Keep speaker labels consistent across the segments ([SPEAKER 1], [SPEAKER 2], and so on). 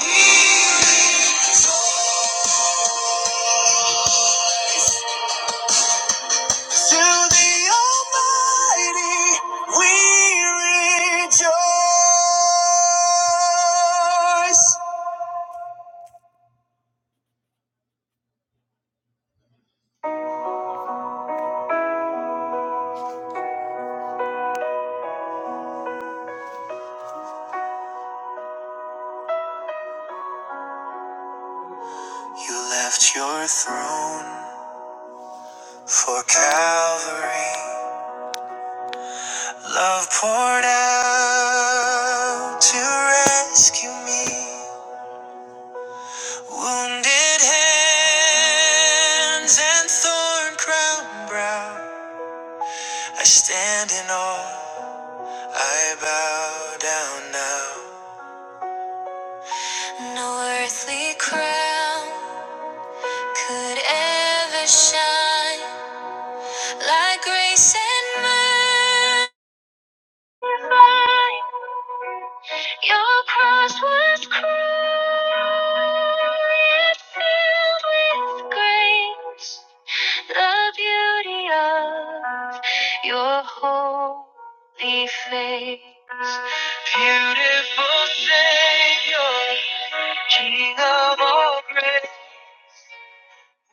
[SPEAKER 1] To the Almighty we rejoice. You left your throne for Calvary. Love poured out to rescue me. Wounded hands and thorn crowned brow. I stand in awe, I bow down now. No earthly crown could ever shine like grace and mine. Your cross was cruel, yet filled with grace. the beauty of your holy face. Beautiful Savior, King of all grace,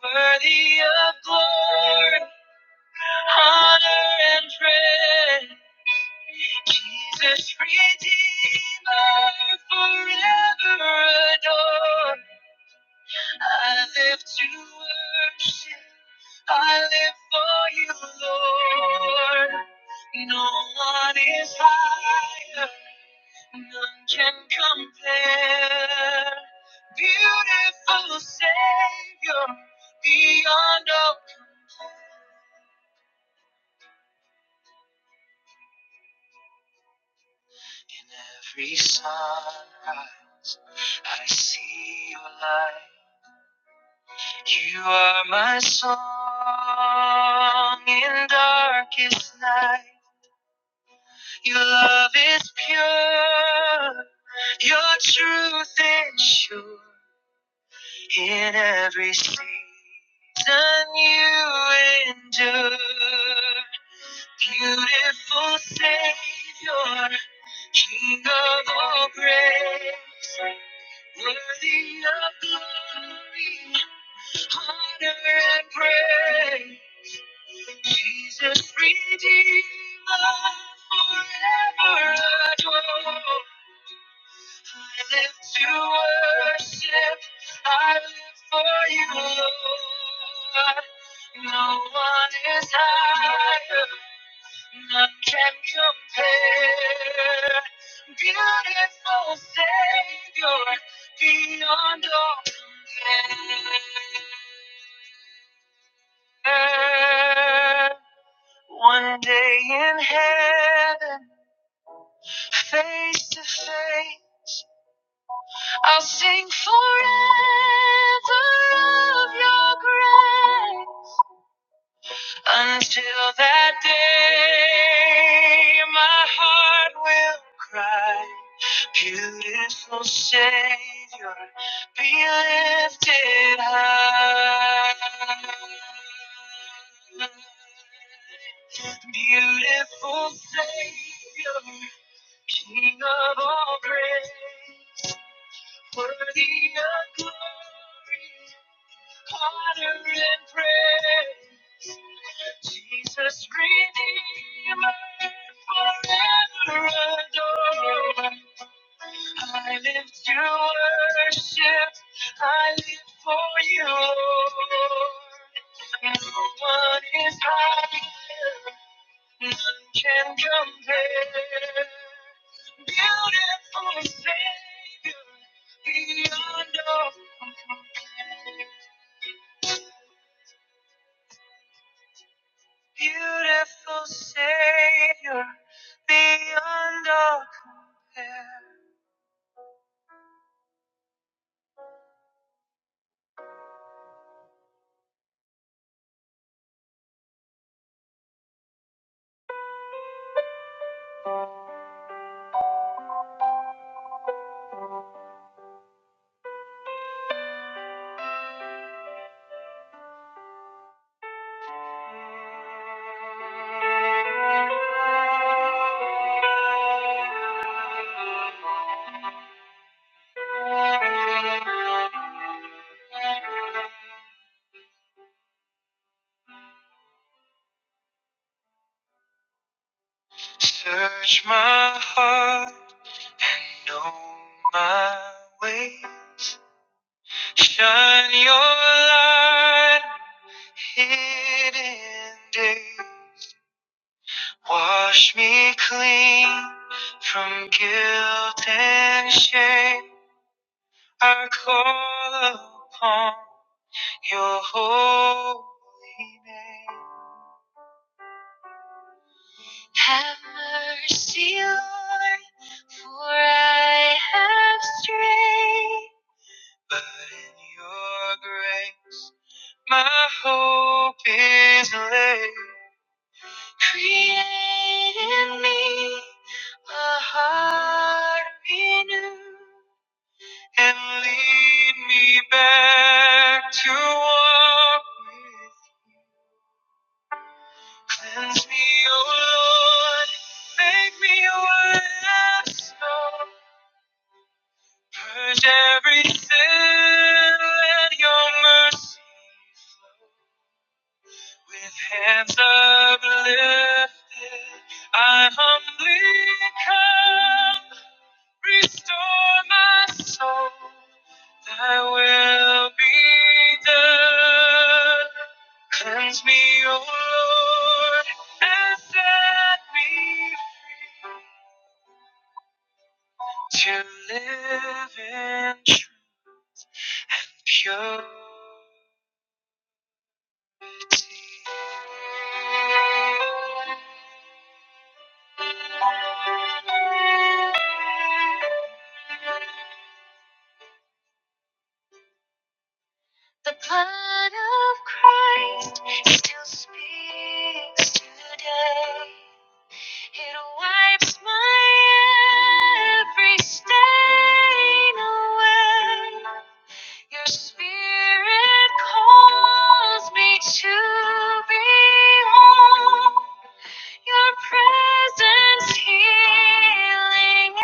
[SPEAKER 1] worthy of glory, honor, and praise. Jesus, Redeemer, forever adored. I live to worship. I live for you, Lord. No one is higher. None can compare. Beautiful Savior, beyond all. In every sunrise, I see your light. You are my song in darkest night. Your love is pure, your truth is sure. In every season you endure. Beautiful Savior, King of all grace, worthy of glory, honor, and praise. Jesus, Redeemer, forever adored. I live to worship. I live for you, Lord. No one is higher. None can compare. Beautiful Savior, beyond all compare. One day in heaven, face to face. I'll sing forever of your grace until that day my heart will cry. Beautiful Savior, be lifted high. Beautiful Savior, King of all grace. Worthy of glory, honor, and praise. Jesus, Redeemer, forever adored. I live to worship, I live for you, Lord. No one is higher, None can compare. Beautiful Savior, beyond all compare. Beautiful Savior, beyond all compare. Search my heart and know my ways. Shine your light, on hidden days. Wash me clean from guilt and shame. I call upon your holy name. Have mercy, Lord, for I have strayed. In your grace, my hope is laid. Create in me a heart renewed. and lead me back to walk with. you. Cleanse me, O Lord, make me white as snow. Purge every sin, let your mercy flow. With hands uplifted, I humbly come. Restore my soul. Thy will be done. Cleanse me, O Lord, and set me free to live in purity. The blood of Christ still speaks today. It wipes my every stain away. Your spirit calls me to be home. Your presence healing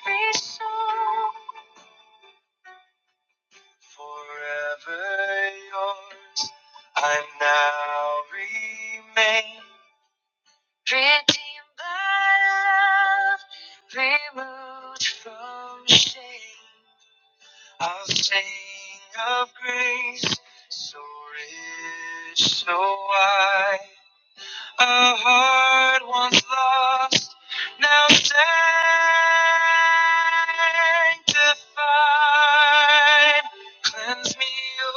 [SPEAKER 1] every soul. Forever yours, I now remain. Redeemed by love, removed from shame. I'll sing of grace, so rich, so wide. A heart once lost, now sanctified. Cleanse me,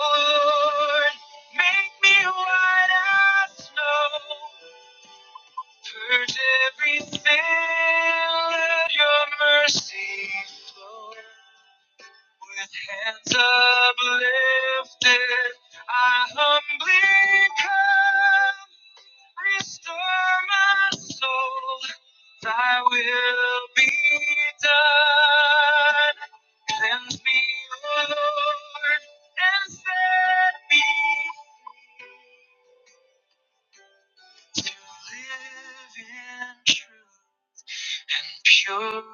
[SPEAKER 1] Lord, make me white as snow. Purge everything, let your mercy flow. With hands uplifted, I humbly come. Restore my soul, thy will be done. Cleanse me, O Lord, and set me free to live in truth. purity.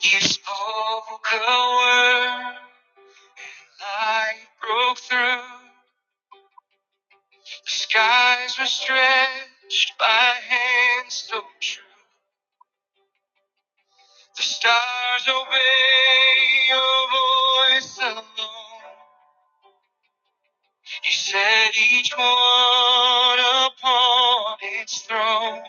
[SPEAKER 1] You spoke a word, light broke through. The skies were stretched by hands so true. The stars obey your voice alone. You set each one upon its throne.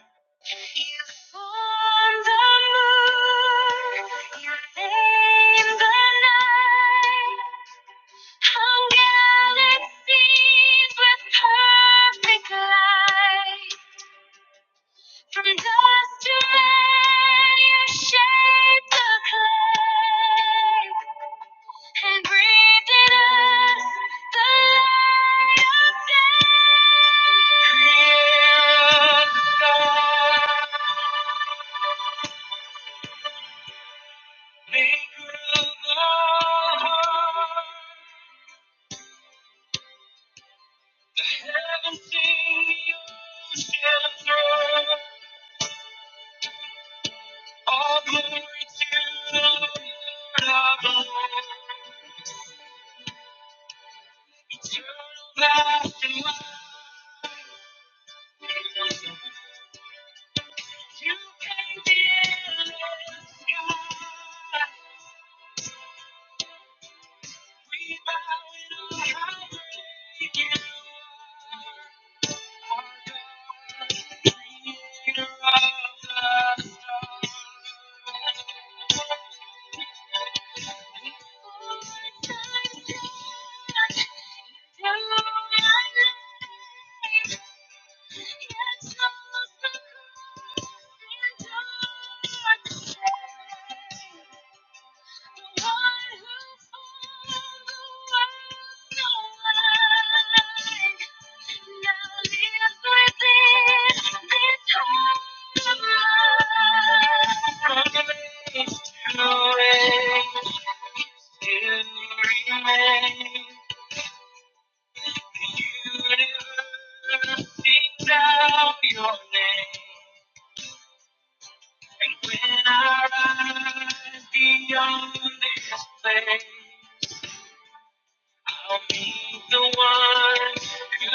[SPEAKER 1] You formed the moon, you named the night, hung galaxies with perfect light. From dust to man, you shaped the clay and breathed in us the light of day. Creator. You can be in the sky. We bow in our breaking our God, creator of the your name, and when I rise beyond this place. I'll be the one who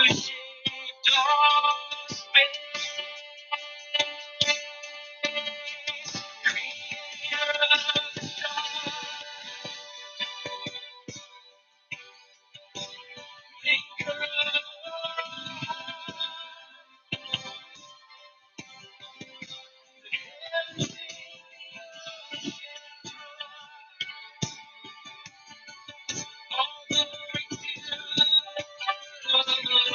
[SPEAKER 1] shaped all space, creator of the stars, maker of all the reasons of the Lord.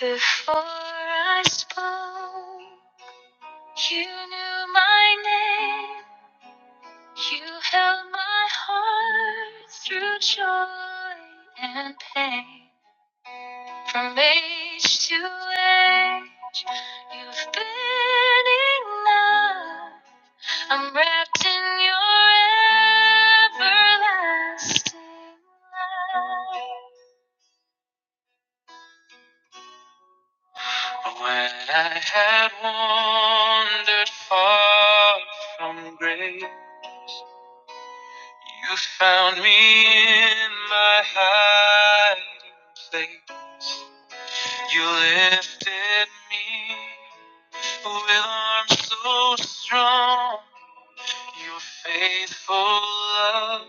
[SPEAKER 1] Before I spoke, you knew my name. You held my heart through joy and pain. From age to age, you've been enough. I'm wrapped in your everlasting love. When I had wandered far from grace, you found me in my hiding place. You lifted me with arms so strong. Your faithful love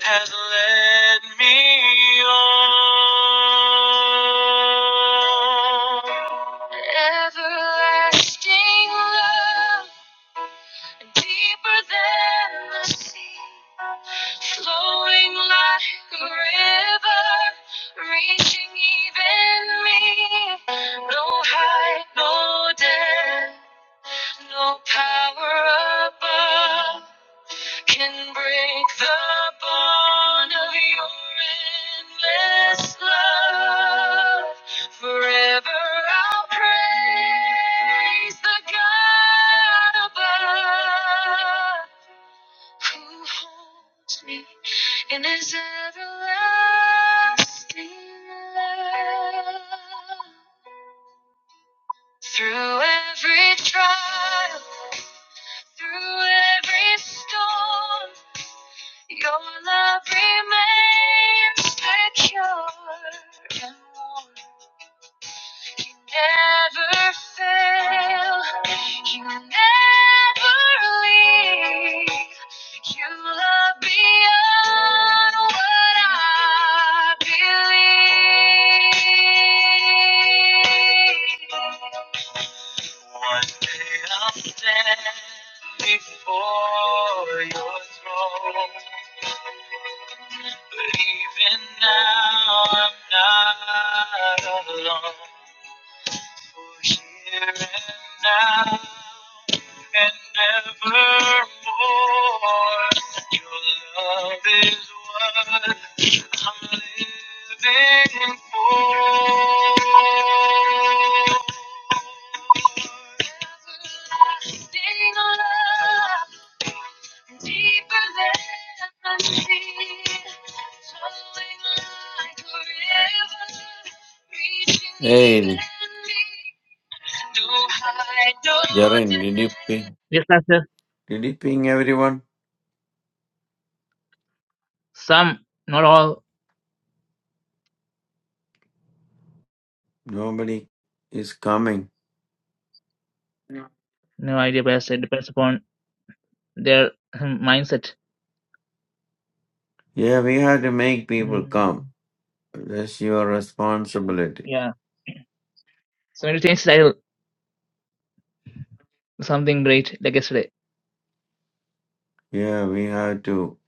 [SPEAKER 1] has led me on. Everlasting love and Deeper than the sea, flowing like a river, reaching even me. No height, no depth, no power above can break the bond of your endless love. Forever I'll praise the God above who holds me in his everlasting love. Through every trial, through every storm. Your love remains secure and will never fail. You never leave. You love beyond what I believe. One day I'll stand before your throne. But even now I'm not alone. For here and now and evermore, your love is what I'm living for like
[SPEAKER 2] Hey,
[SPEAKER 1] No no
[SPEAKER 2] Jaren, did you ping? Did you ping everyone?
[SPEAKER 1] Some, not all,
[SPEAKER 2] Nobody is coming.
[SPEAKER 1] no idea best. It depends upon their hmm, mindset.
[SPEAKER 2] Yeah, we have to make people
[SPEAKER 1] Mm,
[SPEAKER 2] come. That's your responsibility.
[SPEAKER 1] yeah. So when you change style, something great like yesterday.
[SPEAKER 2] Yeah, we have to.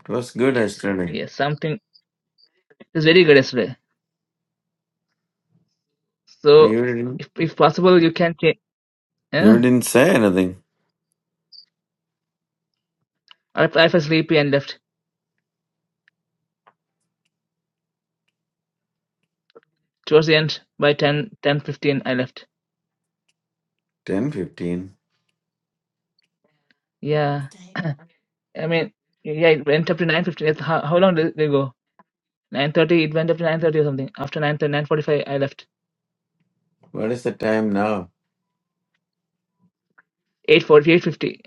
[SPEAKER 2] It was good yesterday.
[SPEAKER 1] Yes, something is very good yesterday.
[SPEAKER 2] But
[SPEAKER 1] So
[SPEAKER 2] you didn't.
[SPEAKER 1] if if possible, you can change.
[SPEAKER 2] You
[SPEAKER 1] Yeah,
[SPEAKER 2] didn't say anything.
[SPEAKER 1] I I felt sleepy and left towards the end. By 10 10 15. I left.
[SPEAKER 2] Ten fifteen.
[SPEAKER 1] Yeah, I mean, yeah, it went up to nine fifteen. How how long did they go? Nine thirty. It went up to nine thirty or something. After nine nine forty five, I left.
[SPEAKER 2] What is the time now?
[SPEAKER 1] Eight forty eight fifty.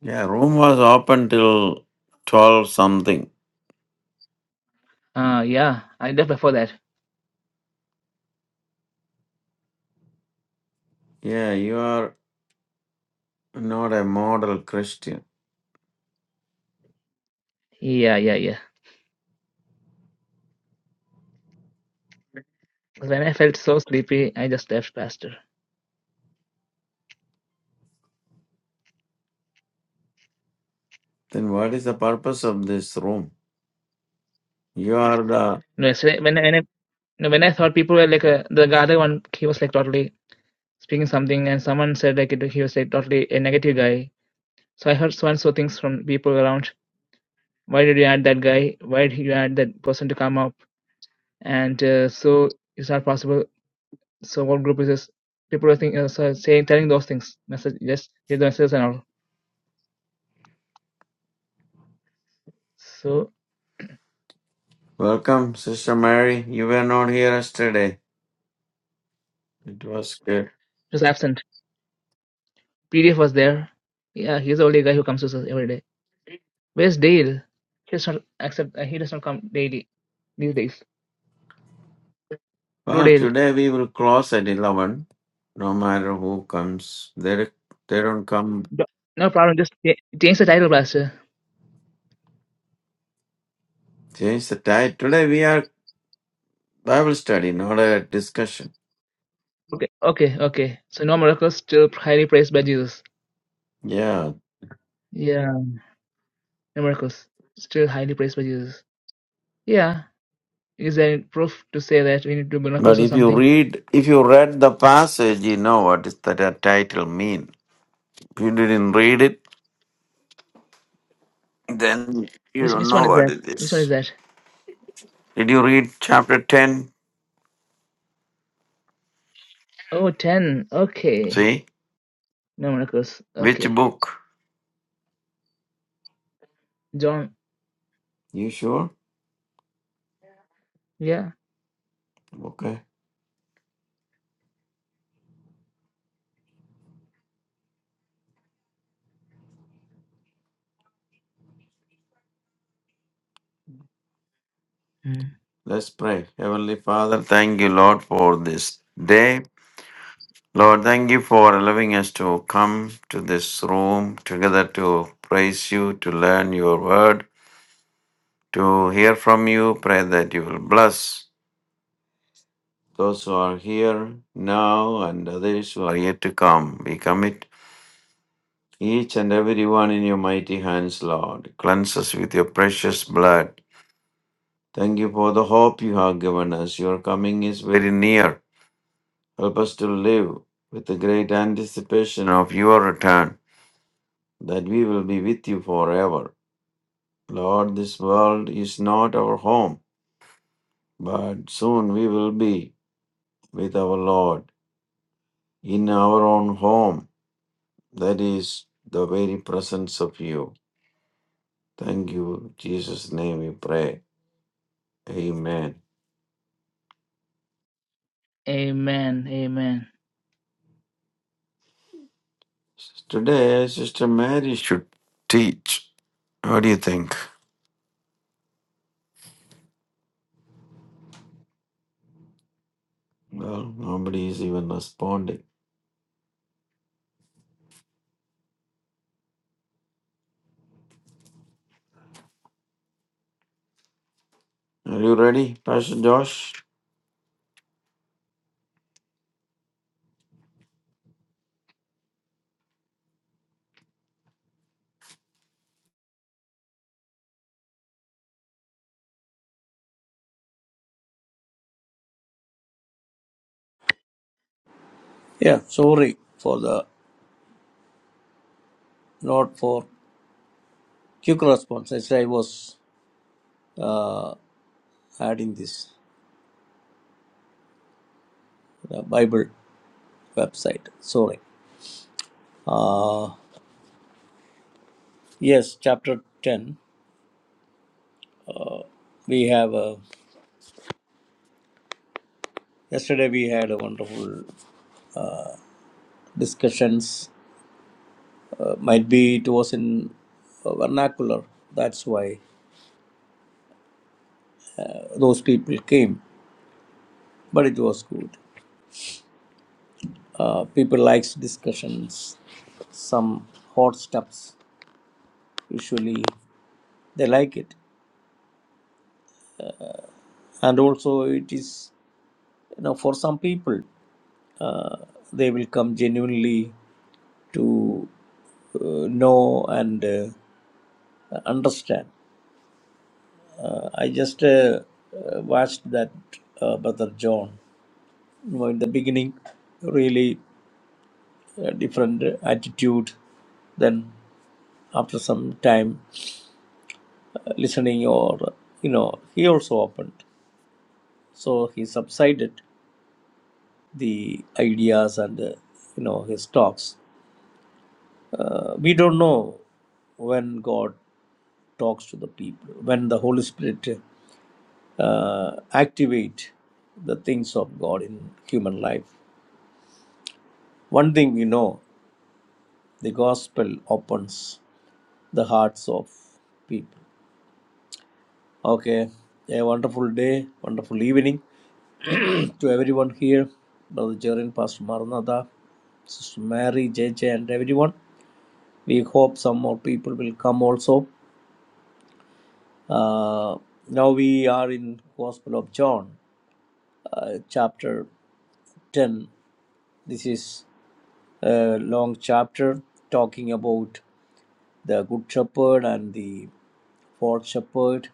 [SPEAKER 2] Yeah, room was open till twelve something.
[SPEAKER 1] Uh yeah, I left before that.
[SPEAKER 2] Yeah, you are not a model Christian.
[SPEAKER 1] Yeah, yeah, yeah. When I felt so sleepy, I just left faster.
[SPEAKER 2] Then what is the purpose of this room? You are the
[SPEAKER 1] No, yesterday when I, when I no, when I thought people were like uh the other one, he was like totally speaking something, and someone said like it, he was like totally a negative guy So I heard so and so things from people around. Why did you add that guy? Why did you add that person to come up? And uh, so it's not possible. So what group is this? People are thinking, uh, so saying, telling those things. Message, just give the messages and all. So
[SPEAKER 2] Welcome, Sister Mary. You were not here yesterday. It was good.
[SPEAKER 1] he was absent. PDF was there. Yeah, he's the only guy who comes to us every day. Where's Dale? He does not accept. Uh, he does not come daily these days. Blue
[SPEAKER 2] Well,
[SPEAKER 1] Dale.
[SPEAKER 2] today we will close at 11, no matter who comes. They, they don't come.
[SPEAKER 1] Do- No problem. Just cha- change the title, Blaster.
[SPEAKER 2] Change the tide. Today we are Bible study, not a discussion.
[SPEAKER 1] Okay, okay, okay. So no miracles, still highly praised by Jesus.
[SPEAKER 2] Yeah.
[SPEAKER 1] Yeah. Numericals still highly praised by Jesus. Yeah. Is there any proof to say that we need to do
[SPEAKER 2] But
[SPEAKER 1] miracles or
[SPEAKER 2] if you
[SPEAKER 1] something?
[SPEAKER 2] read, if you read the passage, you know what is that a title mean. If you didn't read it, then you
[SPEAKER 1] Which,
[SPEAKER 2] don't
[SPEAKER 1] which one
[SPEAKER 2] know
[SPEAKER 1] is
[SPEAKER 2] what
[SPEAKER 1] that?
[SPEAKER 2] it
[SPEAKER 1] Which one
[SPEAKER 2] is.
[SPEAKER 1] is that?
[SPEAKER 2] Did you read chapter 10?
[SPEAKER 1] Oh, ten. Okay.
[SPEAKER 2] See?
[SPEAKER 1] No miracles.
[SPEAKER 2] Which
[SPEAKER 1] Okay.
[SPEAKER 2] book?
[SPEAKER 1] John.
[SPEAKER 2] You sure?
[SPEAKER 1] Yeah.
[SPEAKER 2] Okay.
[SPEAKER 1] Hmm.
[SPEAKER 2] Let's pray. Heavenly Father, thank you, Lord, for this day. Lord, thank you for allowing us to come to this room together to praise you, to learn your word, to hear from you. Pray that you will bless those who are here now and others who are yet to come. We commit each and every one in your mighty hands, Lord. Cleanse us with your precious blood. Thank you for the hope you have given us. Your coming is very near. Help us to live with the great anticipation of your return, that we will be with you forever. Lord, this world is not our home, but soon we will be with our Lord in our own home, that is the very presence of you. Thank you, In Jesus' name we pray. Amen.
[SPEAKER 1] Amen. Amen.
[SPEAKER 2] Today, Sister Mary should teach. What do you think? Well, nobody is even responding. Are you ready, Pastor Josh?
[SPEAKER 3] Yeah, sorry for the not for quick response. Actually, I was adding this the Bible website. Sorry. Uh, yes, chapter ten. We have uh, yesterday we had a wonderful discussions. Uh, might be it was in uh, vernacular. That's why uh, those people came, but it was good. Uh, people likes discussions. Some hot stuffs usually they like it, and also it is you know for some people uh, they will come genuinely to uh, know and uh, understand i just uh, uh, watched that uh, brother john you know, in the beginning really uh, different attitude then after some time uh, listening or you know he also opened so he subsided the ideas and uh, you know his talks uh, we don't know when god talks to the people, when the Holy Spirit uh, activate the things of God in human life. One thing we know, the gospel opens the hearts of people. Okay, a wonderful day, wonderful evening to everyone here, Brother Jerin, Pastor Maranatha, Sister Mary, J, J, and everyone. We hope some more people will come also. Uh, now we are in Gospel of John, uh, chapter 10 this is a long chapter talking about the good shepherd and the fourth shepherd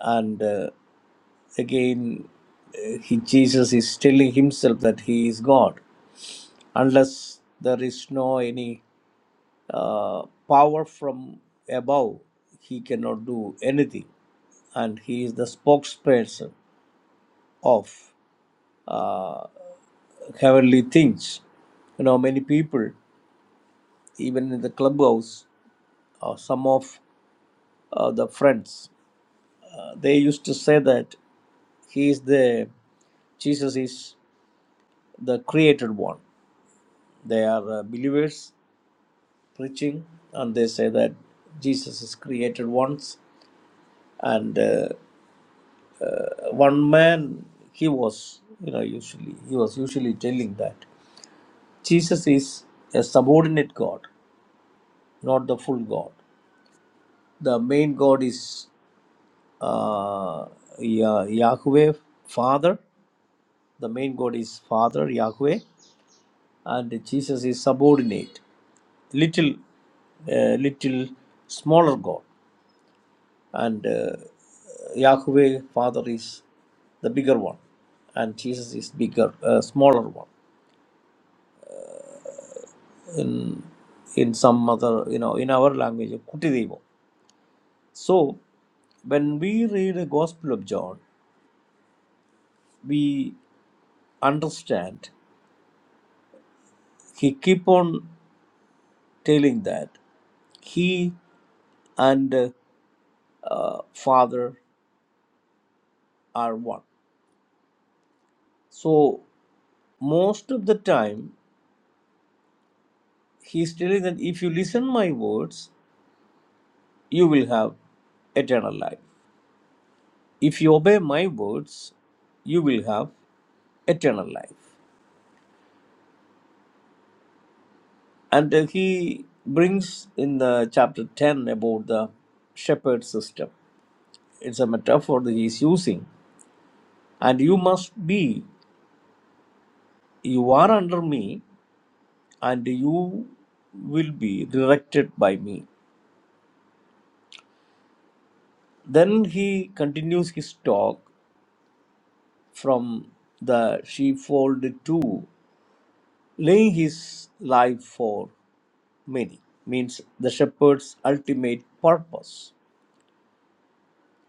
[SPEAKER 3] and uh, again uh, he, jesus is telling himself that he is god unless there is no any uh, power from above he cannot do anything and he is the spokesperson of uh, heavenly things you know many people even in the clubhouse uh, some of uh, the friends. Uh, they used to say that he is the Jesus is the created one. They are uh, believers preaching, and they say that Jesus is created once, And uh, one man, he was, you know, usually he was usually telling that Jesus is a subordinate God, not the full God. The main God is uh, Yah- Yahweh, Father, The main God is Father, Yahweh, and Jesus is subordinate, little, uh, little smaller God, and uh, Yahweh, Father, is the bigger one, and Jesus is bigger, uh, smaller one. In some other, you know, in our language, Kutidevo. So, when we read the Gospel of John, we understand he keep on telling that he and uh, father are one so most of the time he's telling that if you listen my words you will have eternal life if you obey my words you will have eternal life and uh, he brings in the chapter 10 about the shepherd system it's a metaphor that he is using and you must be you are under me and you will be directed by me Then he continues his talk from the sheepfold to laying his life for many, means the shepherd's ultimate purpose.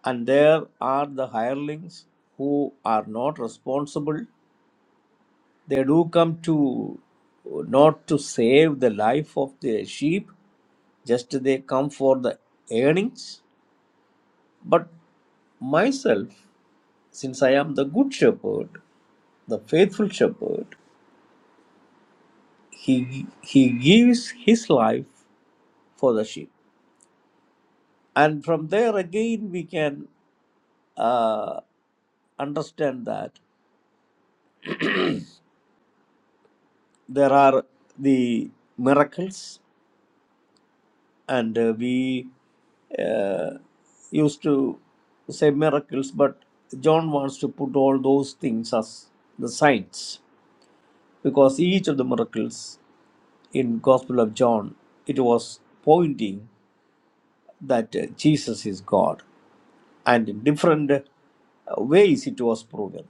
[SPEAKER 3] And there are the hirelings who are not responsible. They do come to not to save the life of the sheep, just they come for the earnings. But myself, since I am the good shepherd, the faithful shepherd. he he gives his life for the sheep and from there again we can uh, understand that there are the miracles and uh, we uh, used to say miracles but john wants to put all those things as the signs because each of the miracles in gospel of john it was pointing that uh, jesus is god and in different uh, ways it was proven.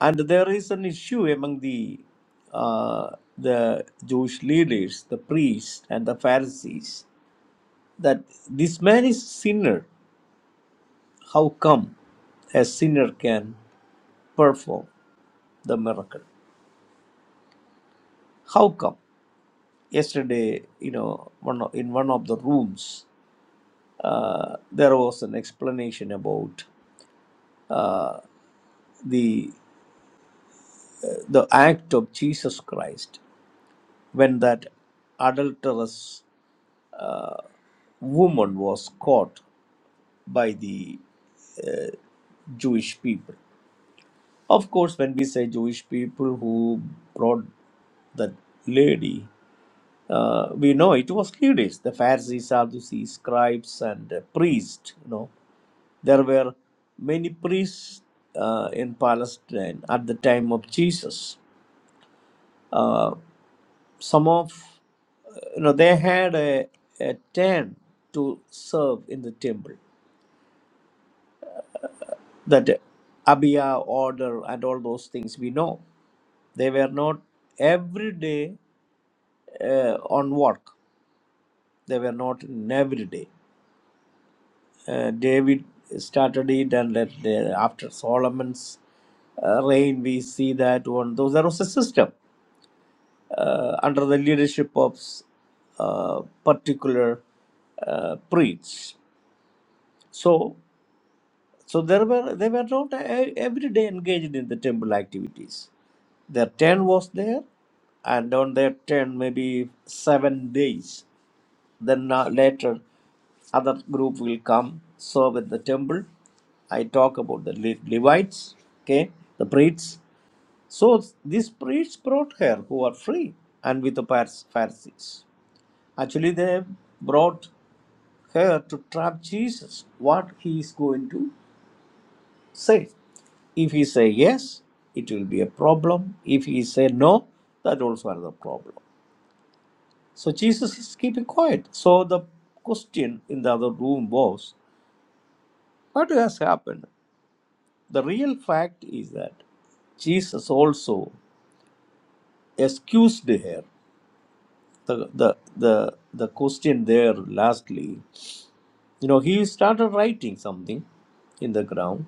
[SPEAKER 3] And there is an issue among the uh, the Jewish leaders, the priests and the Pharisees, that this man is sinner. How come a sinner can perform the miracle? How come? Yesterday, you know, one of, in one of the rooms, uh, there was an explanation about the the act of Jesus Christ when that adulterous woman was caught by the Jewish people. Of course, when we say Jewish people who brought that lady, uh, we know it was leaders, the Pharisees, Sadducees, scribes, and uh, priests. You know, there were many priests uh, in Palestine at the time of Jesus. Some of uh, you know they had a, a turn to serve in the temple that Abia order and all those things we know. They were not every day uh, on work. They were not in every day. Uh, David started it, and let, uh, after Solomon's uh, reign, we see that one. those there was a system uh, under the leadership of uh, particular uh, priests. So So there were, they were not e- every day engaged in the temple activities. Their turn was there, and on their turn, maybe seven days. Then uh, later, other group will come serve at the temple. I talk about the Le- Levites, okay, the priests. So these priests brought her who are free and with the Phar- Pharisees. Actually, they brought her to trap Jesus, what he is going to say. If he say yes, it will be a problem. If he say no, that also another problem. So Jesus is keeping quiet. So the question in the other room was, what has happened? The real fact is that Jesus also excused her. The, the the the question there lastly, you know, he started writing something in the ground,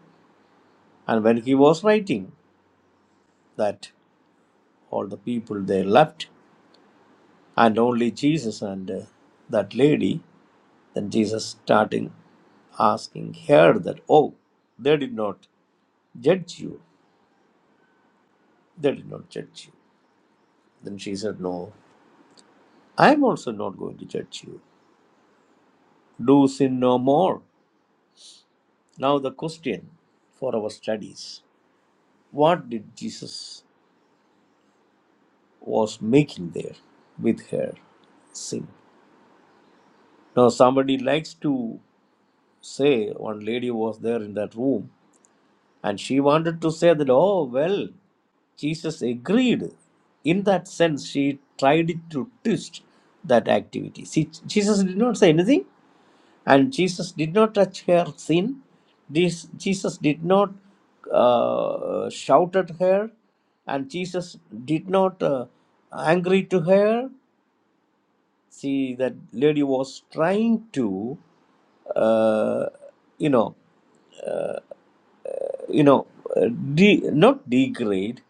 [SPEAKER 3] and when he was writing that, all the people they left and only Jesus and uh, that lady. Then Jesus starting asking her that, oh, they did not judge you. They did not judge you. Then she said, no, I am also not going to judge you. Do sin no more. Now the question for our studies: What did Jesus was making there with her sin? Now somebody likes to say one lady was there in that room And she wanted to say that, oh, well, Jesus agreed. In that sense, she tried to twist that activity. See, Jesus did not say anything, and Jesus did not touch her sin. This, Jesus did not uh, shout at her, and Jesus did not uh, angry to her. See, that lady was trying to, uh, you know. you know, uh, de- not degrade,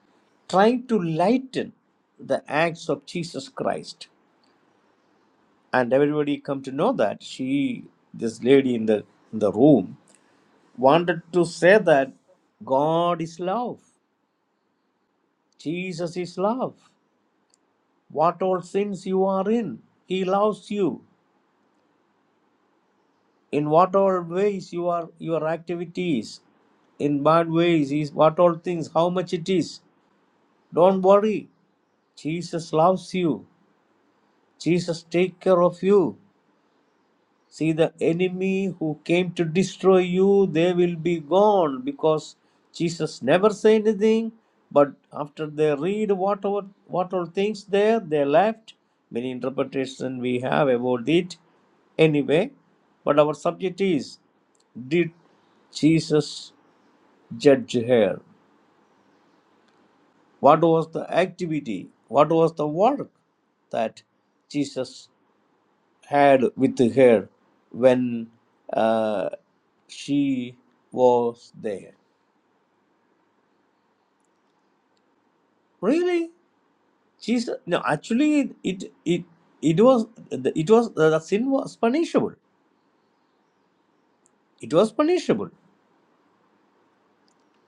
[SPEAKER 3] trying to lighten the acts of Jesus Christ. And everybody come to know that she, this lady in the in the room, wanted to say that God is love, Jesus is love. What all sins you are in, He loves you. In what all ways you are your activities, in bad ways is what all things how much it is don't worry jesus loves you Jesus take care of you. See the enemy who came to destroy you, they will be gone because Jesus never say anything. But after they read what all, what all things there, they left. Many interpretation we have about it anyway. But our subject is did Jesus judge her? What was the activity? What was the work that Jesus had with her when uh, she was there. Really, Jesus? No, actually, it it it was the- it was the sin was punishable. It was punishable,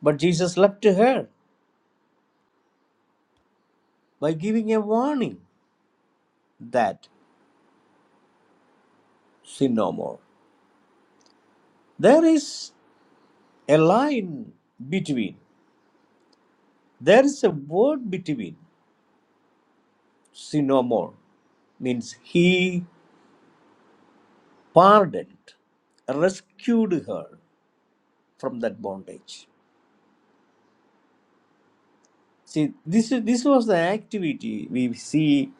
[SPEAKER 3] but Jesus left her by giving a warning that sin no more. There is a line between. There is a word between sin no more means he pardoned, rescued her. from that bondage. See, this is this was the activity we see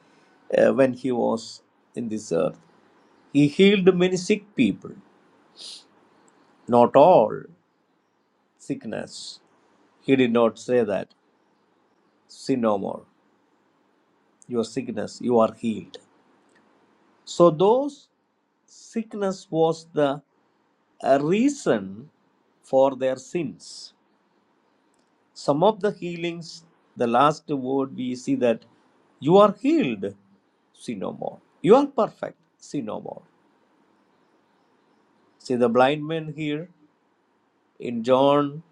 [SPEAKER 3] uh, when he was in this earth. He healed many sick people, not all sickness. He did not say that sin no more. Your sickness, you are healed. So those sickness was the uh, reason for their sins some of the healings, the last word we see that you are healed, see no more. You are perfect, see no more. See the blind man here in John,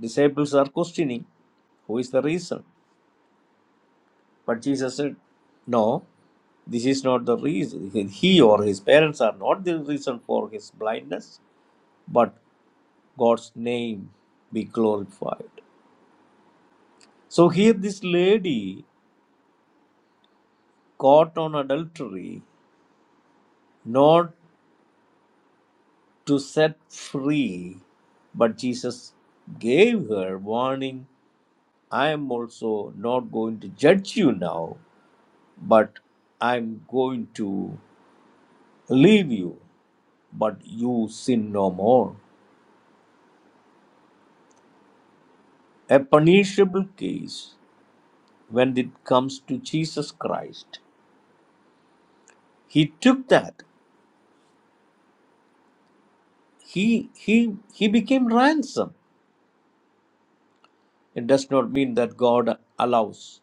[SPEAKER 3] disciples are questioning who is the reason. But Jesus said, No, this is not the reason. He or his parents are not the reason for his blindness, but God's name be glorified. So here this lady caught on adultery, not. to set free, but Jesus gave her warning I am also not going to judge you now, but I'm going to leave you, but you sin no more. A punishable case when it comes to Jesus Christ. He took that. He he he became ransom. It does not mean that God allows.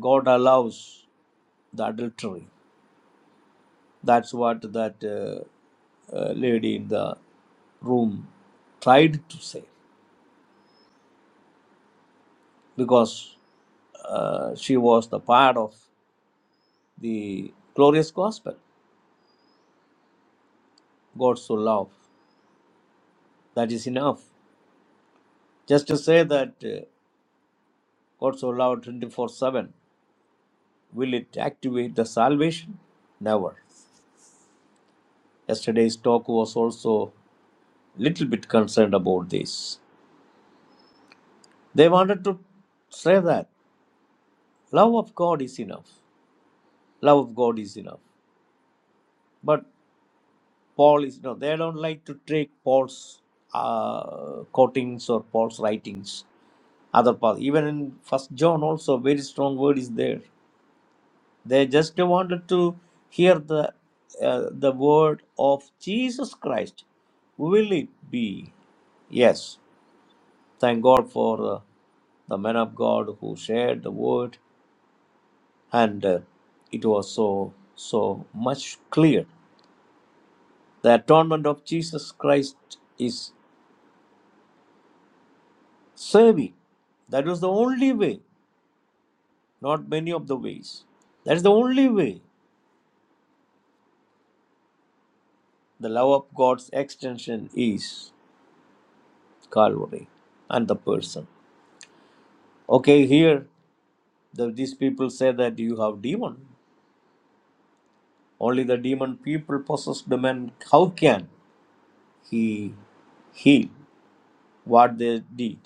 [SPEAKER 3] God allows the adultery. That's what that uh, uh, lady in the room tried to say because uh, she was the part of the glorious gospel. God so loved. That is enough. Just to say that uh, God so loved 24 7, will it activate the salvation? Never. Yesterday's talk was also little bit concerned about this. They wanted to say that love of God is enough. Love of God is enough. But Paul is no, they don't like to take Paul's uh, quotings or Paul's writings. Other parts, even in First John, also very strong word is there. They just wanted to hear the uh, the word of Jesus Christ. Will it be? Yes. Thank God for uh, the man of God who shared the word, and uh, it was so so much clear. The atonement of Jesus Christ is serving. That was the only way, not many of the ways. That's the only way the love of God's extension is Calvary and the person. Okay, here the, these people say that you have demon. Only the demon people possess them, and how can he heal what they did?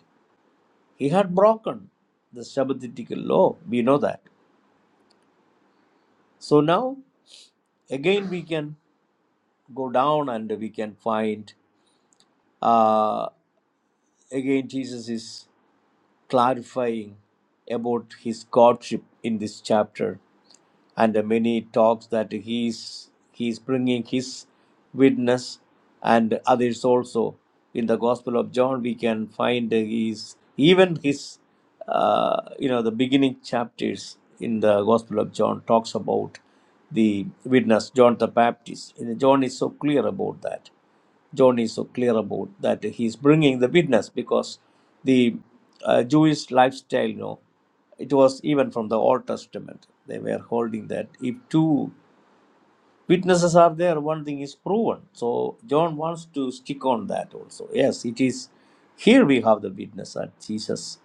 [SPEAKER 3] He had broken the Shabbatic law. We know that. So now again we can go down and we can find. uh, again jesus is clarifying about his godship in this chapter and uh, many talks that he is he is bringing his witness and others also in the gospel of john we can find uh, he's even his uh, you know the beginning chapters in the gospel of john talks about the witness john the baptist And john is so clear about that John is so clear about that he is bringing the witness because the uh, Jewish lifestyle, you know, it was even from the Old Testament. They were holding that if two witnesses are there one thing is proven so john wants to stick on that also yes it is here we have the witness that jesus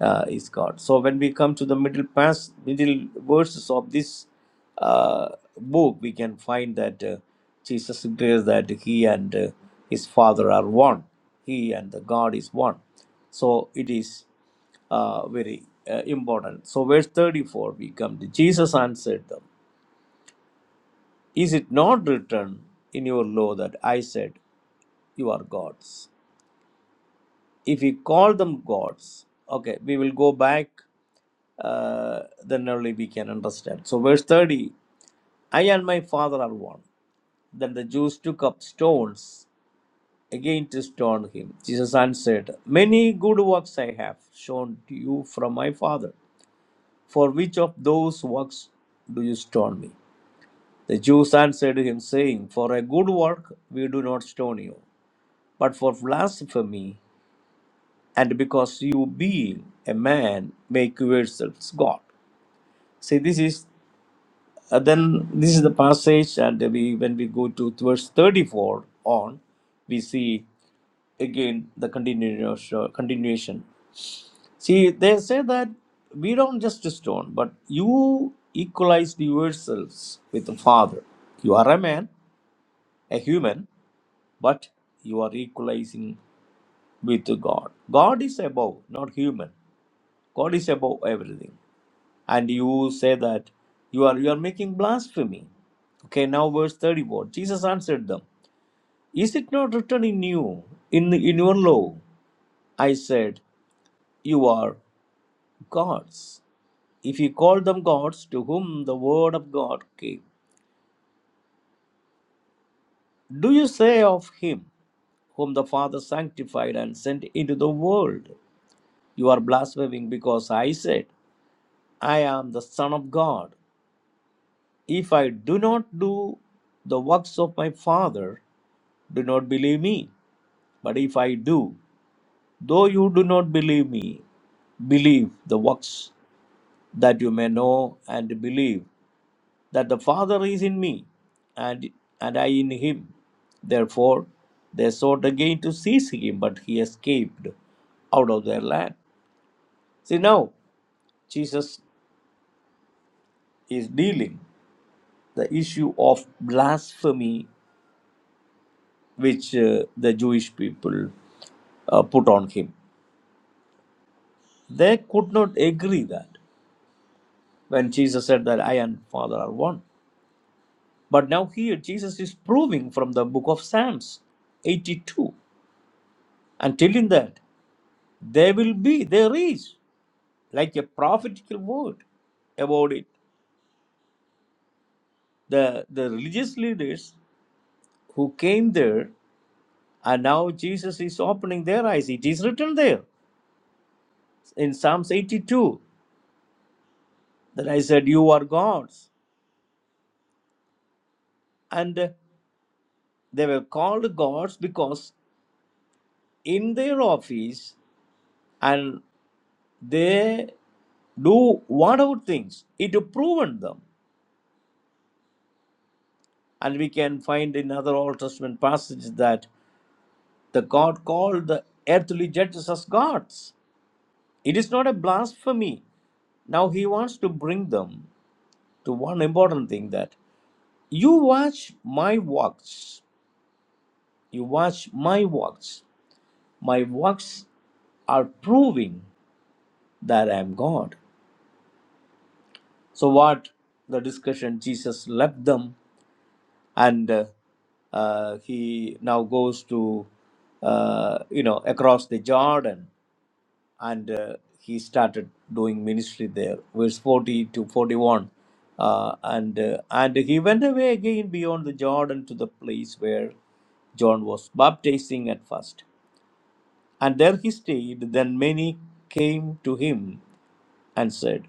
[SPEAKER 3] uh, is god so when we come to the middle pass middle verses of this uh, book we can find that uh, jesus declares that he and uh, his father are one he and the god is one so it is uh, very uh, important so verse 34 we come to jesus answered them is it not written in your law that I said, You are gods? If we call them gods, okay, we will go back, uh, then only we can understand. So, verse 30 I and my Father are one. Then the Jews took up stones again to stone him. Jesus answered, Many good works I have shown to you from my Father. For which of those works do you stone me? The Jews answered him, saying, For a good work we do not stone you, but for blasphemy, and because you being a man make yourselves God. See, this is uh, then this is the passage, and we when we go to verse 34 on, we see again the continuation. Continuation. See, they say that we don't just stone, but you equalized yourselves with the Father. You are a man, a human, but you are equalizing with God. God is above, not human. God is above everything. And you say that you are you are making blasphemy. Okay, now verse 34. Jesus answered them, Is it not written in you, in in your law? I said, You are gods. If you call them gods to whom the word of God came, do you say of him whom the Father sanctified and sent into the world, You are blaspheming because I said, I am the Son of God? If I do not do the works of my Father, do not believe me. But if I do, though you do not believe me, believe the works, that you may know and believe that the Father is in me, and, and I in him. Therefore, they sought again to seize him, but he escaped out of their land. See, now Jesus is dealing the issue of blasphemy which uh, the Jewish people uh, put on him. They could not agree that when Jesus said that I and Father are one. But now here Jesus is proving from the book of Psalms 82 and telling that there will be, there is, like a prophetical word about it. The, the religious leaders who came there and now Jesus is opening their eyes. It is written there in Psalms 82 that I said, You are gods and they were called gods because in their office and they do whatever things it proven them and we can find in other old testament passages that the god called the earthly judges as gods it is not a blasphemy now he wants to bring them to one important thing that you watch my works. You watch my works. My works are proving. that I am God. So, what the discussion, Jesus left them and uh, uh, he now goes to, uh, you know, across the Jordan and uh, he started doing ministry there, verse 40 to 41. Uh, and uh, and he went away again beyond the Jordan to the place where John was baptizing at first. And there he stayed. Then many came to him and said,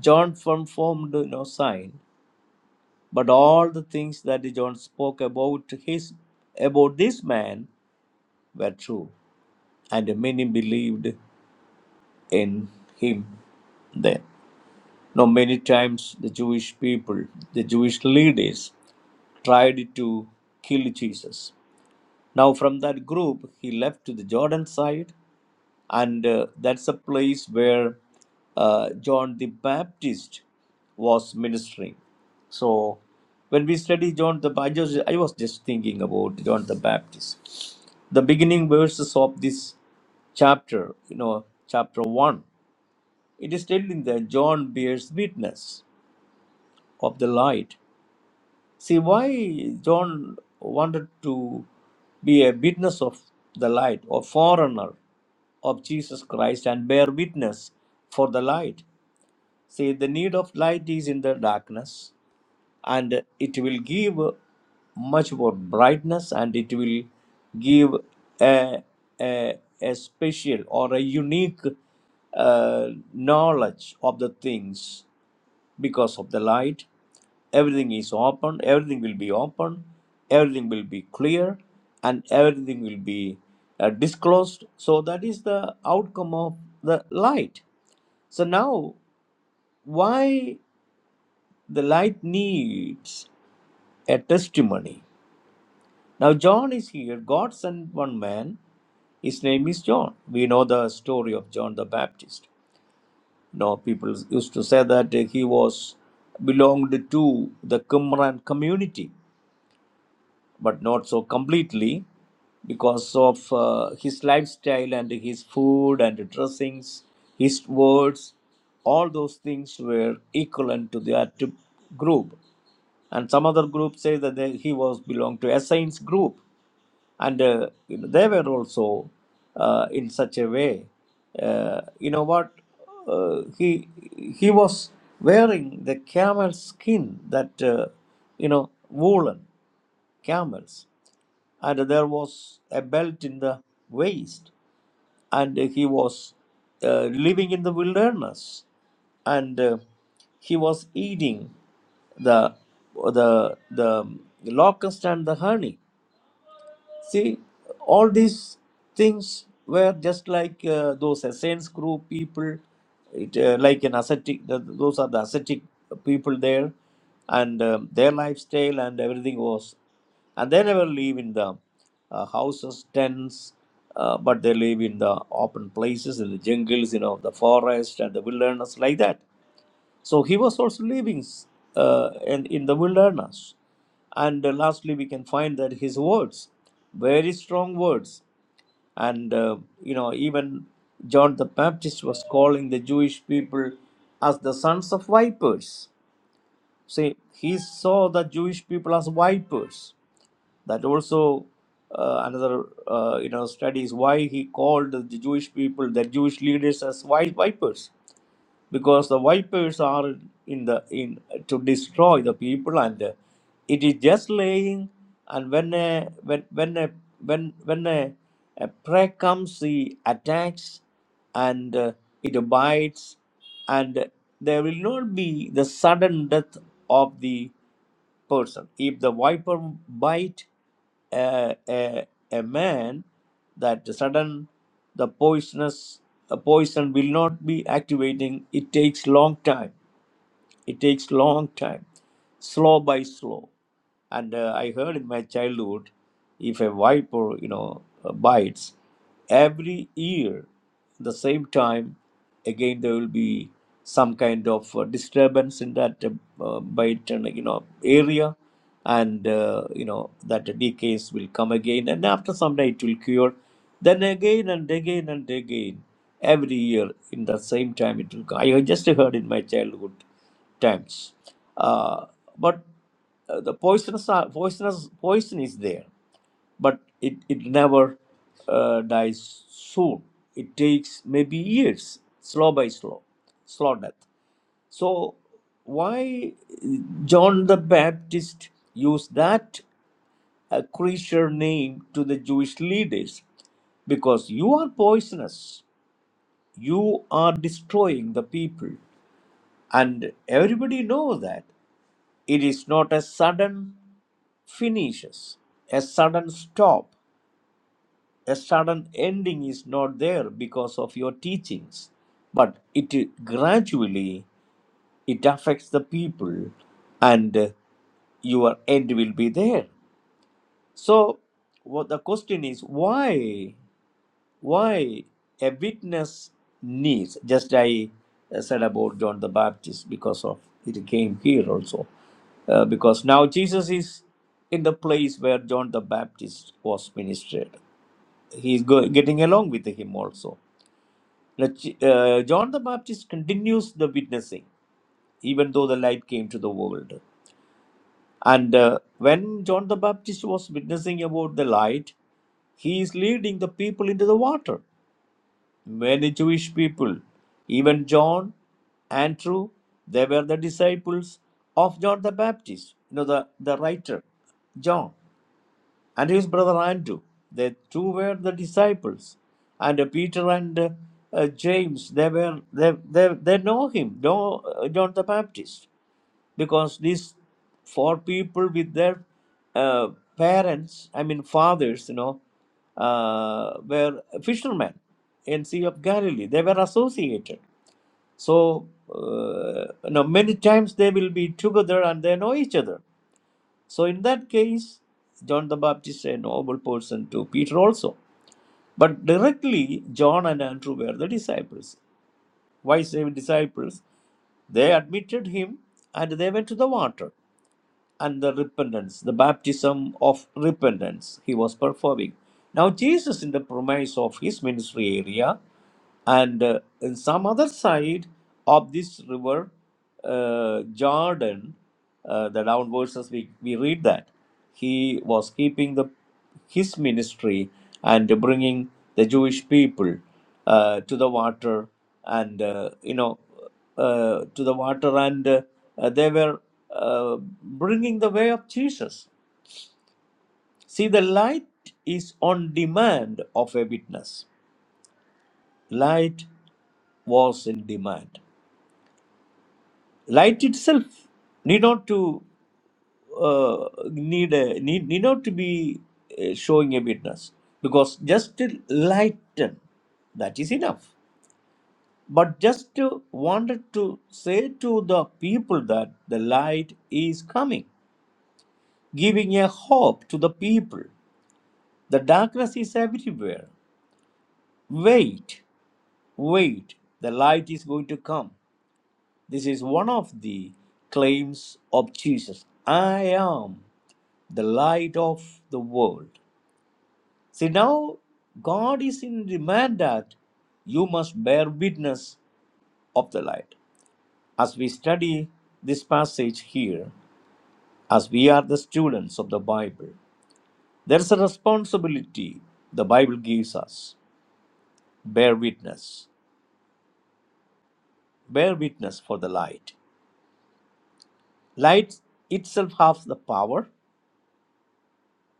[SPEAKER 3] John performed no sign, But all the things that John spoke about his about this man were true, and many believed in him then. Now many times the Jewish people, the Jewish leaders tried to kill Jesus. Now from that group he left to the Jordan side and uh, that's a place where uh, John the Baptist was ministering. So when we study John the I just I was just thinking about John the Baptist. The beginning verses of this chapter, you know, chapter one, it is telling that John bears witness of the light See why John wanted to be a witness of the light or foreigner of Jesus Christ and bear witness for the light. See, the need of light is in the darkness and it will give much more brightness and it will give a, a, a special or a unique uh, knowledge of the things because of the light. Everything is open, everything will be open, everything will be clear, and everything will be uh, disclosed. So, that is the outcome of the light. So, now why the light needs a testimony? Now, John is here. God sent one man. His name is John. We know the story of John the Baptist. You know, people used to say that he was belonged to the Qumran community. but not so completely because of uh, his lifestyle and his food and dressings, his words, all those things were equivalent to that group. And some other groups say that they, he was belonged to a saints group, and uh, you know, they were also uh, in such a way. Uh, you know what? Uh, he he was wearing the camel skin that uh, you know woolen camels and there was a belt in the waist, and he was uh, living in the wilderness, and uh, he was eating the the the locust and the honey, See, all these things were just like uh, those Essene group people, it, uh, like an ascetic, th- those are the ascetic people there, and um, their lifestyle and everything was. And they never live in the uh, houses, tents, uh, but they live in the open places, in the jungles, you know, the forest and the wilderness, like that. So he was also living uh, in, in the wilderness. And uh, lastly, we can find that his words, very strong words. And, uh, you know, even John the Baptist was calling the Jewish people as the sons of vipers. See, he saw the Jewish people as vipers. That also uh, another, uh, you know, studies why he called the Jewish people, the Jewish leaders as vi- vipers because the vipers are in the in to destroy the people and uh, it is just laying and when a when when a when when a, a prey comes he attacks and uh, it bites and there will not be the sudden death of the person. If the viper bite a, a, a man, that sudden the poisonous a poison will not be activating. It takes long time. It takes long time, slow by slow. And uh, I heard in my childhood, if a viper, you know, uh, bites, every year, the same time, again there will be some kind of uh, disturbance in that uh, uh, bite, and you know, area, and uh, you know that decays will come again, and after some day it will cure. Then again and again and again, every year in the same time it will come. I just heard in my childhood times. Uh, but uh, the poisonous, are- poisonous poison is there, but it, it never uh, dies soon. It takes maybe years, slow by slow, slow death. So why John the Baptist used that uh, creature name to the Jewish leaders? Because you are poisonous, you are destroying the people, and everybody knows that. It is not a sudden finishes, a sudden stop, a sudden ending is not there because of your teachings, but it gradually it affects the people, and uh, your end will be there. So, what the question is why? why a witness needs just i uh, said about john the baptist because of it came here also Uh, because now jesus is in the place where john the baptist was ministered he's go- getting along with him also Now, uh, john the baptist continues the witnessing even though the light came to the world and uh, when john the baptist was witnessing about the light he is leading the people into the water many Jewish people, even John, Andrew, they were the disciples of John the Baptist, you know, the, the writer, John, and his brother Andrew. They two were the disciples. And uh, Peter and uh, uh, James, they were they, they, they know him, know uh, John the Baptist because these four people with their uh, parents, I mean fathers, you know, uh, were fishermen in Sea of Galilee. They were associated. So, uh, you know, many times they will be together and they know each other. So, in that case, John the Baptist a noble person to Peter also. But directly, John and Andrew were the disciples. Why seven disciples? They admitted him and they went to the water and the repentance, the baptism of repentance he was performing. Now, Jesus, in the premise of his ministry area, and uh, in some other side of this river, uh, Jordan, uh, the downwards as we, we read that, he was keeping the his ministry and bringing the Jewish people uh, to the water and uh, you know uh, to the water and uh, they were uh, bringing the way of Jesus. See, the light is on demand of a witness. Light was in demand. Light itself need not to uh, need a, need need not to be uh, showing a witness because just to lighten that is enough but just to wanted to say to the people that the light is coming giving a hope to the people the darkness is everywhere wait wait the light is going to come this is one of the claims of jesus i am the light of the world See, now God is in demand that you must bear witness of the light. As we study this passage here, as we are the students of the Bible, there's a responsibility the Bible gives us bear witness. Bear witness for the light. Light itself has the power,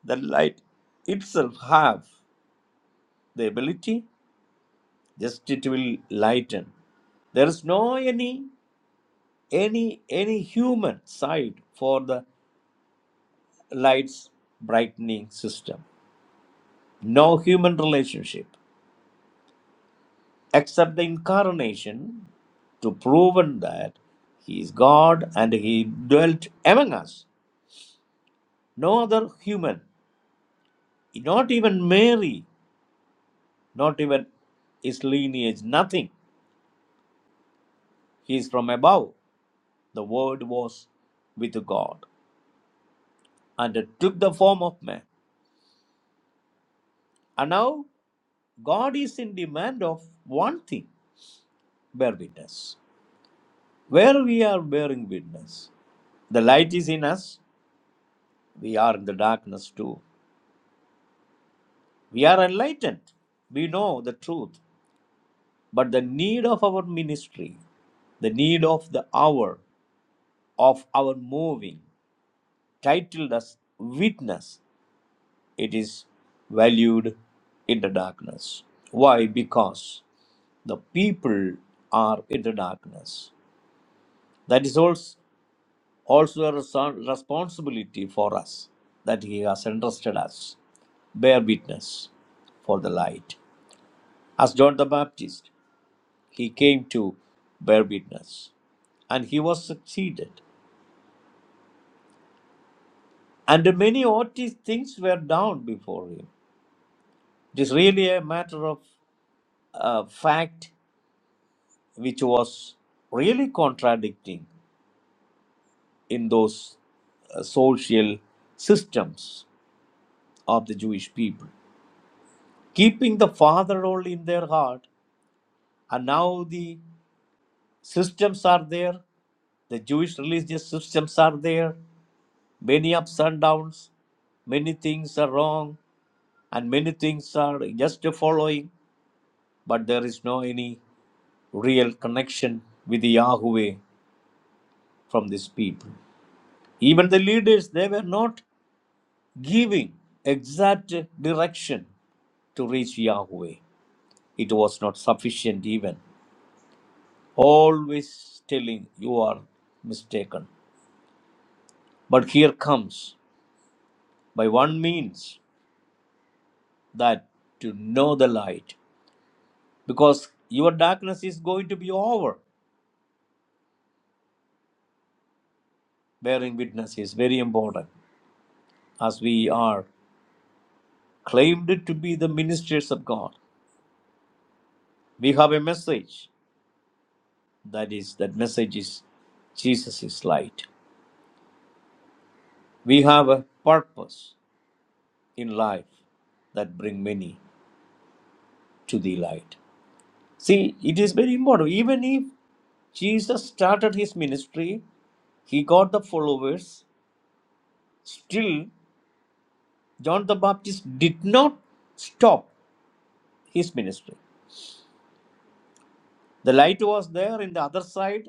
[SPEAKER 3] the light itself have the ability, just it will lighten. There is no any any any human side for the light's brightening system no human relationship except the incarnation to proven that he is god and he dwelt among us no other human not even mary not even his lineage nothing he is from above the word was with god and it took the form of man and now god is in demand of one thing bear witness. Where we are bearing witness, the light is in us, we are in the darkness too. We are enlightened, we know the truth, but the need of our ministry, the need of the hour, of our moving, titled as witness, it is valued in the darkness. Why? Because the people are in the darkness. That is also. also a reson- responsibility for us that he has entrusted us. Bear witness for the light. As John the Baptist, he came to bear witness and he was succeeded. And many odd things were done before him. It is really a matter of uh, fact which was really contradicting in those uh, social systems of the Jewish people. Keeping the father role in their heart and now the systems are there the jewish religious systems are there many ups and downs many things are wrong and many things are just following but there is no any real connection with the yahweh from these people even the leaders they were not giving exact direction to reach yahweh it was not sufficient even always telling you are mistaken but here comes By one means that to know the light, because your darkness is going to be over. Bearing witness is very important as we are claimed to be the ministers of God. We have a message that is, that message is Jesus is light. We have a purpose in life that bring many to the light. See, it is very important. Even if Jesus started his ministry, he got the followers. Still, John the Baptist did not stop his ministry. The light was there in the other side,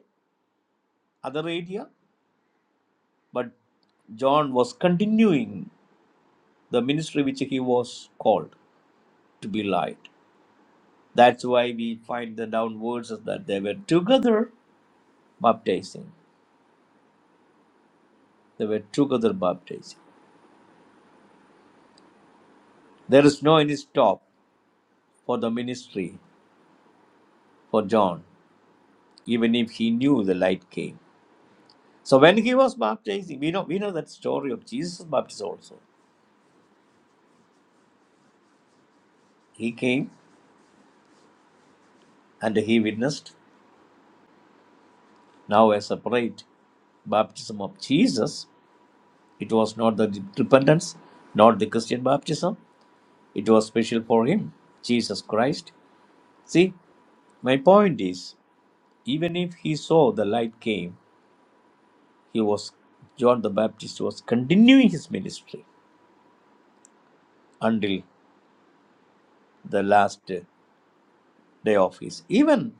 [SPEAKER 3] other area, but John was continuing the ministry which he was called to be light. That's why we find the down words is that they were together baptizing. They were together baptizing. There is no any stop for the ministry for John, even if he knew the light came. So when he was baptizing, we know we know that story of Jesus' baptism also. He came and he witnessed now a separate baptism of Jesus. It was not the repentance, not the Christian baptism. It was special for him, Jesus Christ. See, my point is, even if he saw the light came, he was John the Baptist was continuing his ministry until the last uh, day of his. Even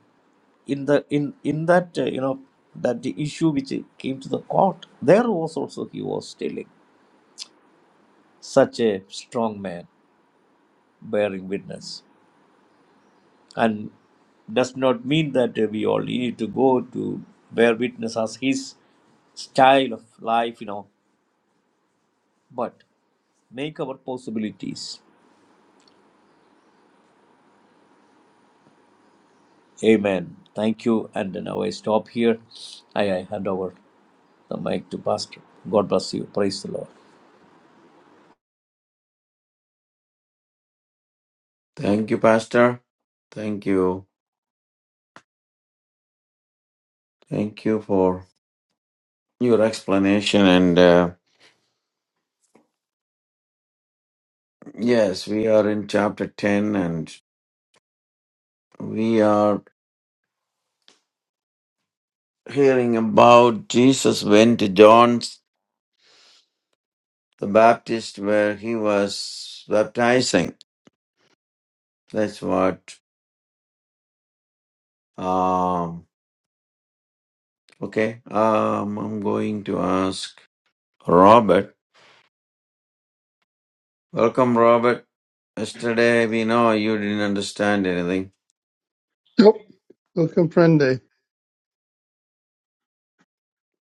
[SPEAKER 3] in the in in that uh, you know that issue which came to the court, there was also he was telling. such a strong man bearing witness. And does not mean that uh, we all need to go to bear witness as his style of life, you know, but make our possibilities. Amen. Thank you. And now I stop here. I, I hand over the mic to Pastor. God bless you. Praise the Lord.
[SPEAKER 2] Thank you, Pastor. Thank you. Thank you for your explanation. And uh, yes, we are in chapter 10 and we are hearing about Jesus went to John the Baptist where he was baptizing. That's what. Um, okay, um, I'm going to ask Robert. Welcome, Robert. Yesterday, we know you didn't understand anything.
[SPEAKER 4] Nope, no comprende.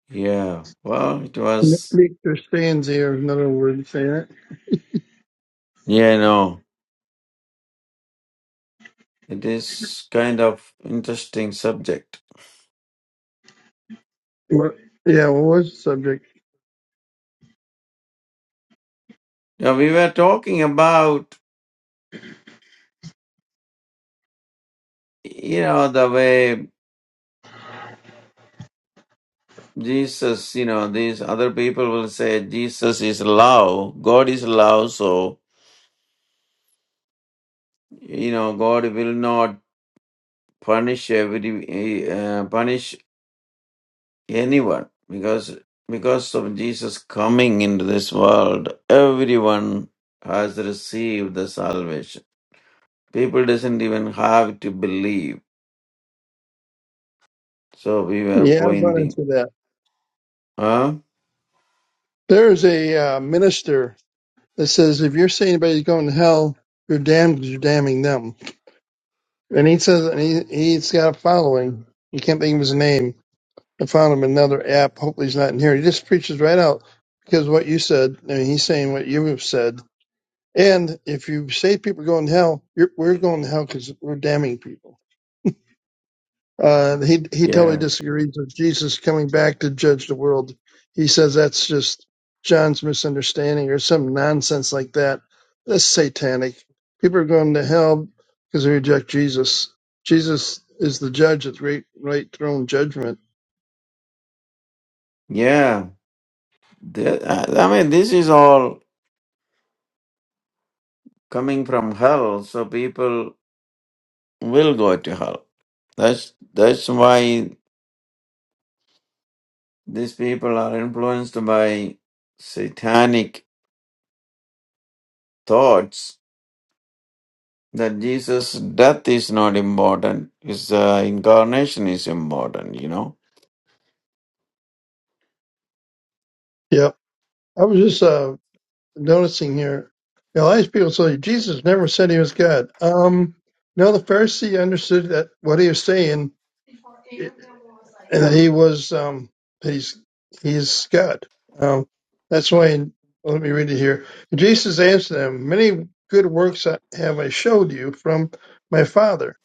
[SPEAKER 2] Yeah, well, it was.
[SPEAKER 4] Victor stands here, is another word of saying it.
[SPEAKER 2] Yeah, no. It is kind of interesting subject.
[SPEAKER 4] What, yeah, what was the subject?
[SPEAKER 2] Now we were talking about you know the way Jesus, you know, these other people will say Jesus is love, God is love, so you know God will not punish every uh, punish anyone because because of Jesus coming into this world, everyone has received the salvation. People doesn't even have to believe. So we were
[SPEAKER 4] Yeah, I've run
[SPEAKER 2] pointing.
[SPEAKER 4] into that.
[SPEAKER 2] Huh?
[SPEAKER 4] There's a uh, minister that says if you're saying anybody's going to hell, you're damned because 'cause you're damning them. And he says, and he, he's got a following. You can't think of his name. I found him another app. Hopefully he's not in here. He just preaches right out because what you said, I mean, he's saying what you have said. And if you say people are going to hell, you're, we're going to hell because we're damning people. Uh, he he totally
[SPEAKER 2] Yeah.
[SPEAKER 4] disagrees with Jesus coming back to judge the world. He says that's just John's misunderstanding or some nonsense like that. That's satanic. People are going to hell because they reject Jesus. Jesus is the judge at the great right throne judgment.
[SPEAKER 2] Yeah. The- I I mean, this is all coming from hell, so people will go to hell. That's that's why these people are influenced by satanic thoughts that Jesus' death is not important, his uh, incarnation is important, you know.
[SPEAKER 4] Yep. I was just uh, noticing here. You know, a lot of people say Jesus never said he was God. Um, no, the Pharisee understood that what he was saying and he was um he's he's God. Um, that's why. let me read it here. Jesus answered them, "Many good works I- have I showed you from my Father.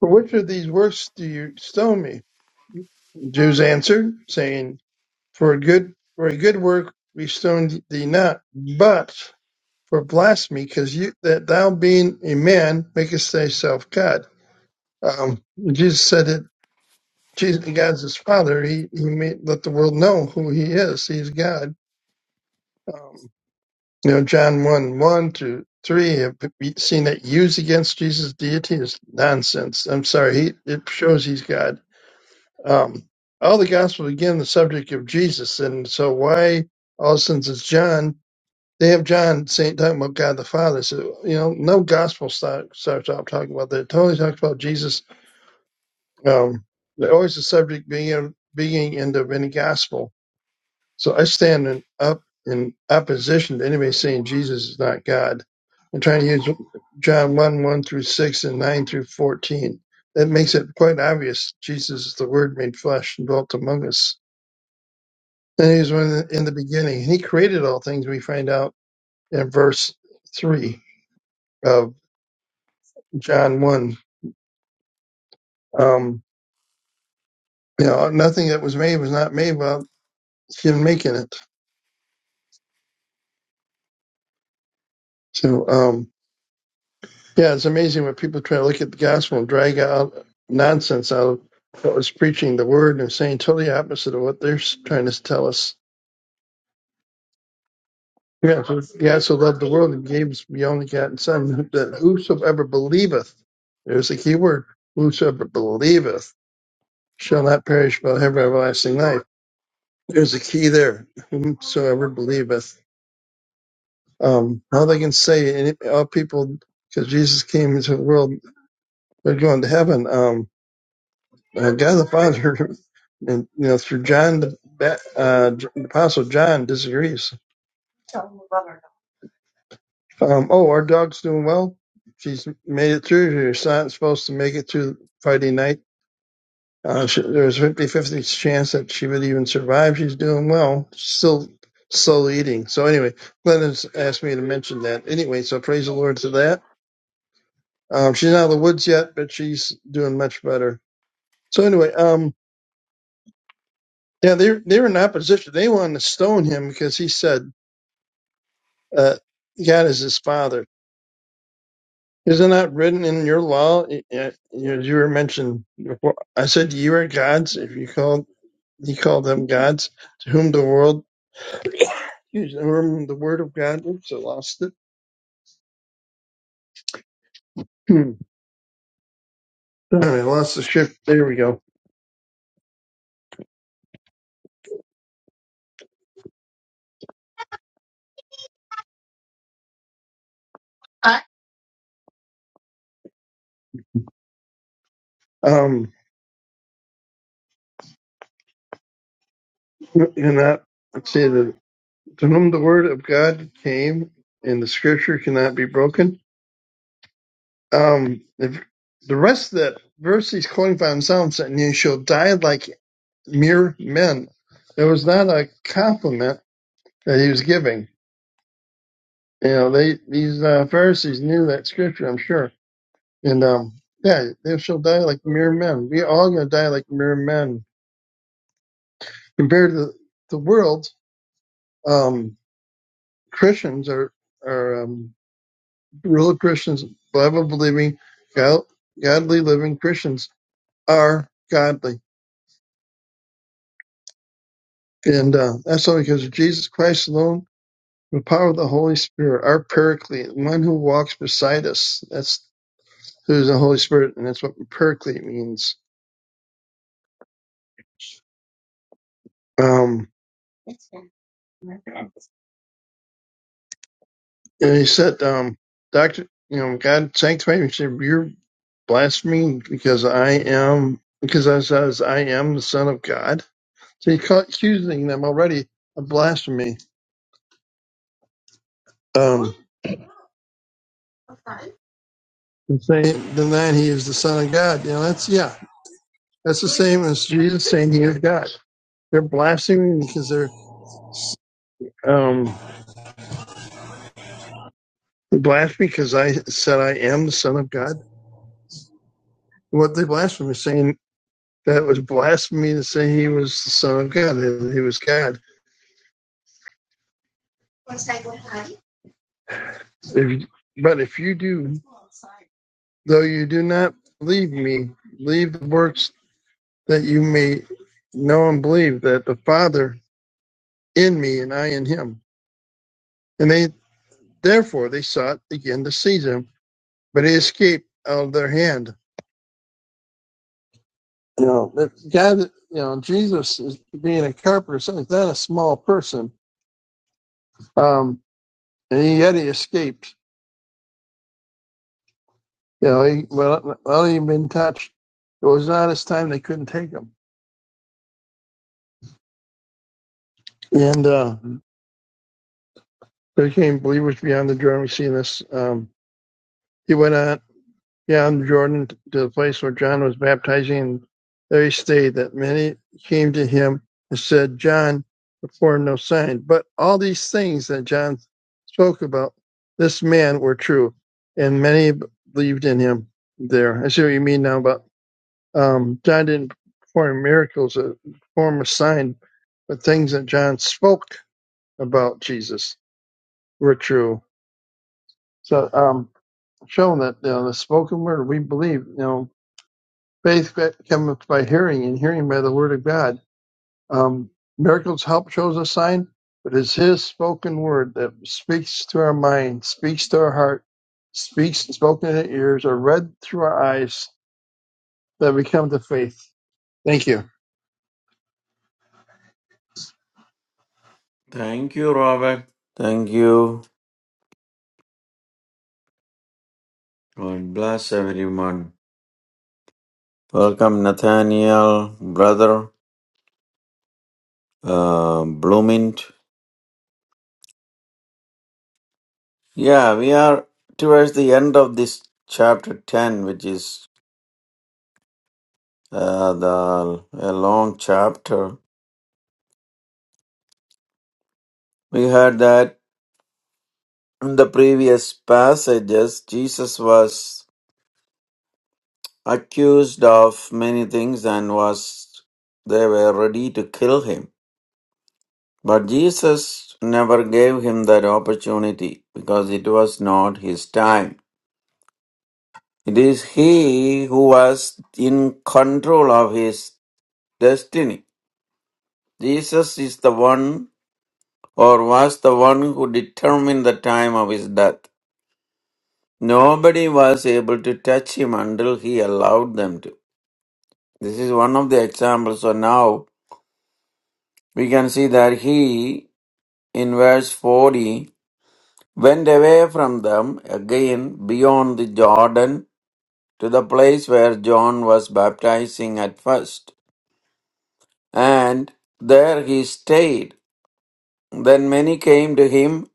[SPEAKER 4] For which of these works do you stone me?" Jews answered, saying, "For a good for a good work we stoned thee not, but for blasphemy, because you that thou being a man makest thyself God." Um, Jesus said that Jesus, God's his father. He, he made, let the world know who he is. He's God. Um, you know, John 1, 1 to 3, have we seen that used against Jesus' deity is nonsense. I'm sorry. He, it shows he's God. Um, all the gospels begin the subject of Jesus. And so why all since it's John, they have John saying, talking about God the Father. So, you know, no gospel start, starts out talking about that. It totally talks about Jesus. Um, always the subject being, being end of any gospel So I stand in up in opposition to anybody saying Jesus is not God. I'm trying to use John 1, 1 through 6 and 9 through 14. That makes it quite obvious Jesus is the Word made flesh and dwelt among us. And he was one in the in the beginning. He created all things, we find out in verse 3 of John 1. Um, you know, nothing that was made was not made without him making it. So, um, Yeah, it's amazing when people try to look at the gospel and drag out nonsense out of what was preaching the word and saying totally opposite of what they're s- trying to tell us. Yeah, for God so loved the world and gave his only begotten Son, that whosoever believeth, there's the key word, whosoever believeth shall not perish but have everlasting life. There's a key there, whomsoever believeth. Um, how they can say any, all people, because Jesus came into the world, they're going to heaven. Um, uh, God the Father, and you know through John the Ba- uh, J- the Apostle John disagrees. Um, oh, our dog's doing well. She's made it through. She's not supposed to make it through Friday night. Uh, she, there's 50-50 chance that she would even survive. She's doing well. She's Still, slowly eating. So anyway, Glennon's asked me to mention that. Anyway, so praise the Lord to that. Um, she's not out of the woods yet, but she's doing much better. So anyway, um, yeah, they they were in opposition. They wanted to stone him because he said. uh, God is his father. Isn't that written in your law? Y- y- You you were mentioned before. I said you are gods. If you called, he called them gods to whom the world, to whom the word of God. Oops, I lost it. Hmm. Darn, I lost the shift. There we go. Um, cannot let's see the to whom the word of God came, and the scripture cannot be broken. Um, if the rest of that verse he's quoting by himself, and you shall die like mere men. It was not a compliment that he was giving. You know, they these uh, Pharisees knew that scripture, I'm sure. And um, yeah, they shall die like mere men. We all gonna die like mere men. Compared to the world, um, Christians are are um, real Christians, Bible believing, God, godly living Christians are godly, and uh, that's only because of Jesus Christ alone The power of the Holy Spirit, our Paraclete, one who walks beside us. That's who's the Holy Spirit, and that's what Paraclete means. Um, and he said, um, Doctor, you know, God sanctified me. He said, You're blaspheming because I am, because I says I am the Son of God. So he caught accusing them already of blasphemy. Um, and saying, denying he is the Son of God. You know, that's, yeah, that's the same as Jesus saying he is God. They're blaspheming because they're, um. Blasphemy because I said I am the Son of God. What the blasphemy was saying that was blasphemy to say he was the Son of God, that he was God. If, but if you do, though you do not believe me, believe the works that you may know and believe that the Father in me and I in him. And they therefore they sought again to seize him, but he escaped out of their hand. You know, that God, you know, Jesus is being a carpenter, so he's not a small person Um, and yet he escaped. You know, he, well, well, he'd been touched. It was not his time. They couldn't take him. And uh, there came believers beyond the Jordan. We see this. Um, he went on beyond the Jordan to the place where John was baptizing. And there he stayed, that many came to him and said, John performed no sign. But all these things that John spoke about this man were true, and many believed in him there. I see what you mean now about Um, John didn't perform miracles or form a sign, but things that John spoke about Jesus were true. So, um, showing that you know, the spoken word we believe, you know, faith cometh by hearing, and hearing by the word of God. Um, miracles help shows a sign, but it's His spoken word that speaks to our mind, speaks to our heart, speaks spoken in our ears, or read through our eyes that we come to faith. Thank you.
[SPEAKER 2] Thank you, Robert. Thank you. God bless everyone. Welcome, Nathaniel, brother, uh, Bloomint. Yeah, we are towards the end of this chapter 10, which is uh, the a long chapter. We heard that in the previous passages, Jesus was accused of many things and was they were ready to kill him. But Jesus never gave him that opportunity because it was not his time. It is he who was in control of his destiny. Jesus is the one or was the one who determined the time of his death. Nobody was able to touch him until he allowed them to. This is one of the examples. So now we can see that he, in verse 40, went away from them again beyond the Jordan to the place where John was baptizing at first. And there he stayed. Then many came to him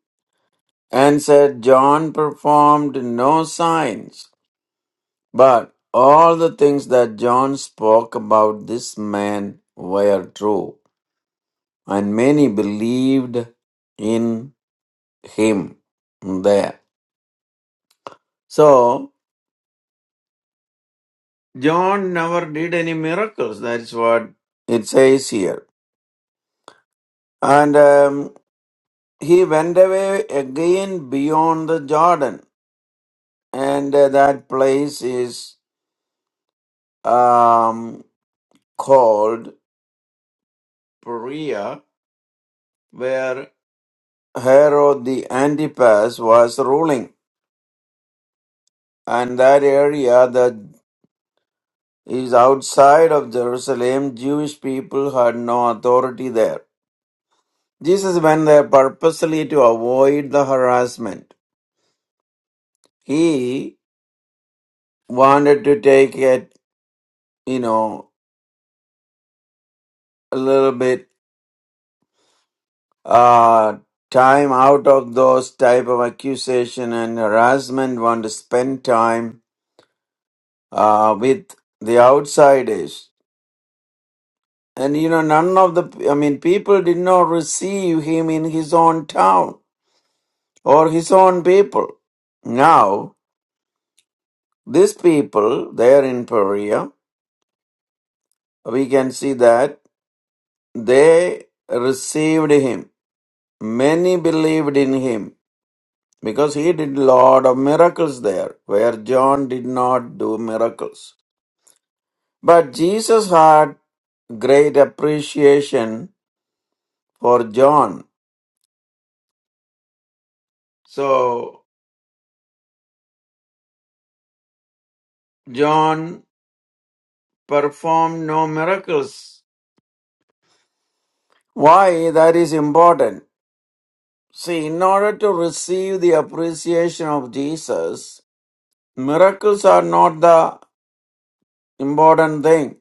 [SPEAKER 2] and said, John performed no signs, but all the things that John spoke about this man were true, and many believed in him there. So, John never did any miracles, that's what it says here. And um, he went away again beyond the Jordan, and uh, that place is um, called Perea where Herod the Antipas was ruling, and that area that is outside of Jerusalem, Jewish people had no authority there. Jesus went there purposely to avoid the harassment. He wanted to take it, you know, a little bit uh, time out of those type of accusation and harassment. Want to spend time uh, with the outsiders And you know, none of the, I mean, people did not receive him in his own town or his own people. Now, these people there in Perea, we can see that they received him. Many believed in him because he did lot of miracles there, where John did not do miracles. But Jesus had great appreciation for John. So, John perform no miracles. Why that is important? See, in order to receive the appreciation of Jesus, miracles are not the important thing.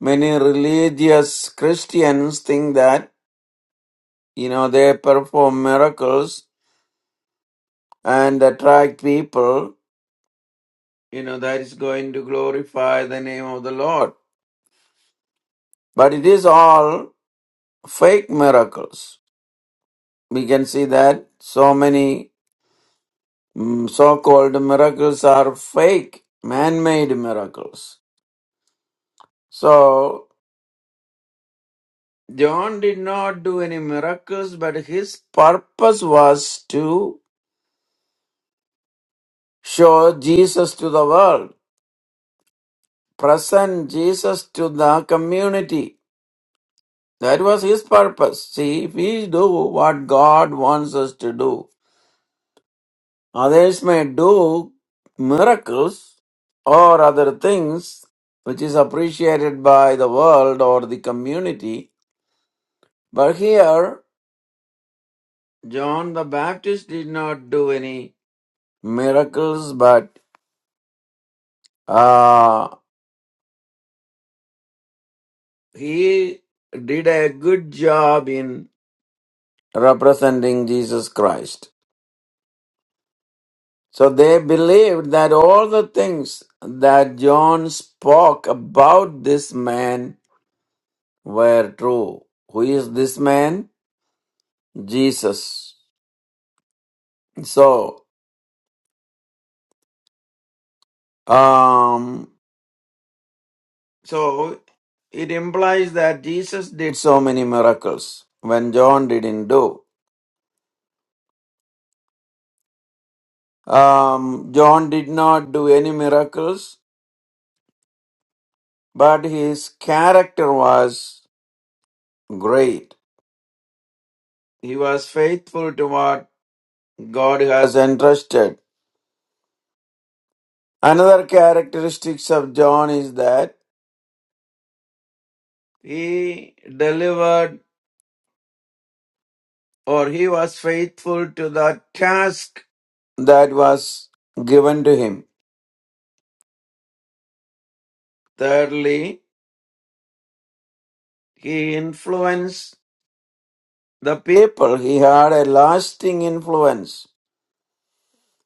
[SPEAKER 2] Many religious Christians think that, you know, they perform miracles and attract people, you know, that is going to glorify the name of the Lord. But it is all fake miracles. We can see that so many Mm, so-called miracles are fake, man-made miracles. So John did not do any miracles, but his purpose was to show Jesus to the world, present Jesus to the community. That was his purpose. See, if we do what God wants us to do, others may do miracles or other things which is appreciated by the world or the community But here, John the Baptist did not do any miracles, but uh, he did a good job in representing Jesus Christ. So they believed that all the things that John spoke about this man were true. Who is this man? Jesus. So, um, So it implies that Jesus did so many miracles when John didn't do. Um, John did not do any miracles, but his character was great. He was faithful to what God has entrusted. Another characteristics of John is that he delivered or he was faithful to the task that was given to him. Thirdly, He influenced the people. He had a lasting influence,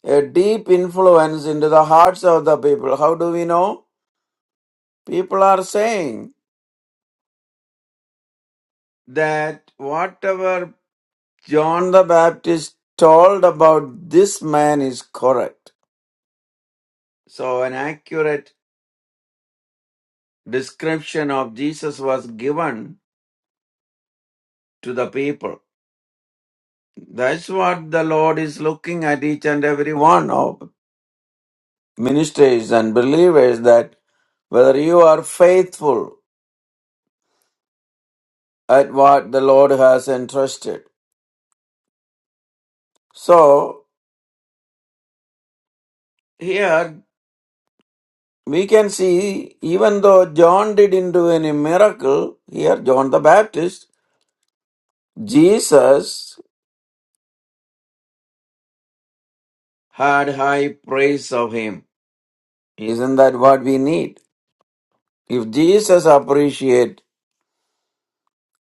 [SPEAKER 2] a deep influence into the hearts of the people. How do we know? People are saying that whatever John the Baptist told about this man is correct. So, an accurate description of Jesus was given to the people. That's what the Lord is looking at each and every one of ministers and believers that whether you are faithful at what the Lord has entrusted. So here we can see even though John didn't do any miracle, here John the Baptist, Jesus had high praise of him. Isn't that what we need? If Jesus appreciate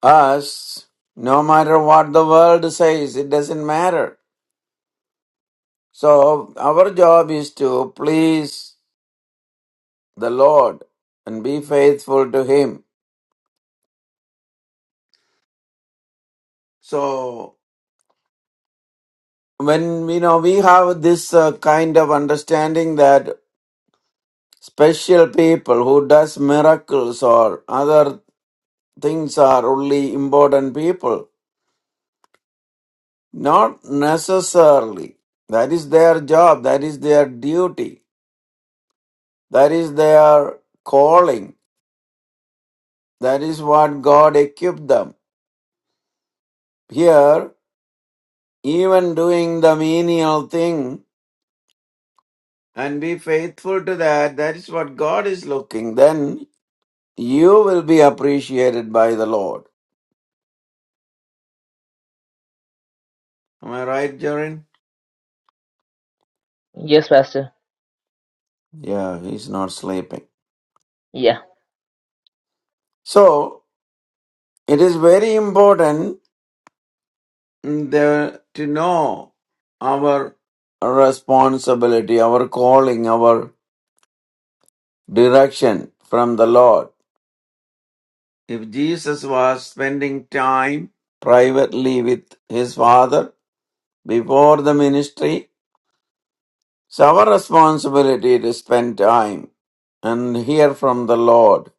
[SPEAKER 2] us, no matter what the world says, it doesn't matter. So our job is to please the Lord and be faithful to Him. So, when you know we have this uh, kind of understanding that special people who does miracles or other things are only important people, not necessarily. That is their job. That is their duty. That is their calling. That is what God equipped them. Here, even doing the menial thing and be faithful to that. That is what God is looking. Then you will be appreciated by the Lord. Am I right, Jaren?
[SPEAKER 1] Yes, Pastor.
[SPEAKER 2] Yeah, he's not sleeping.
[SPEAKER 1] Yeah.
[SPEAKER 2] So it is very important mm, there to know our responsibility, our calling, our direction from the Lord. If Jesus was spending time privately with his Father before the ministry, So our responsibility to spend time and hear from the Lord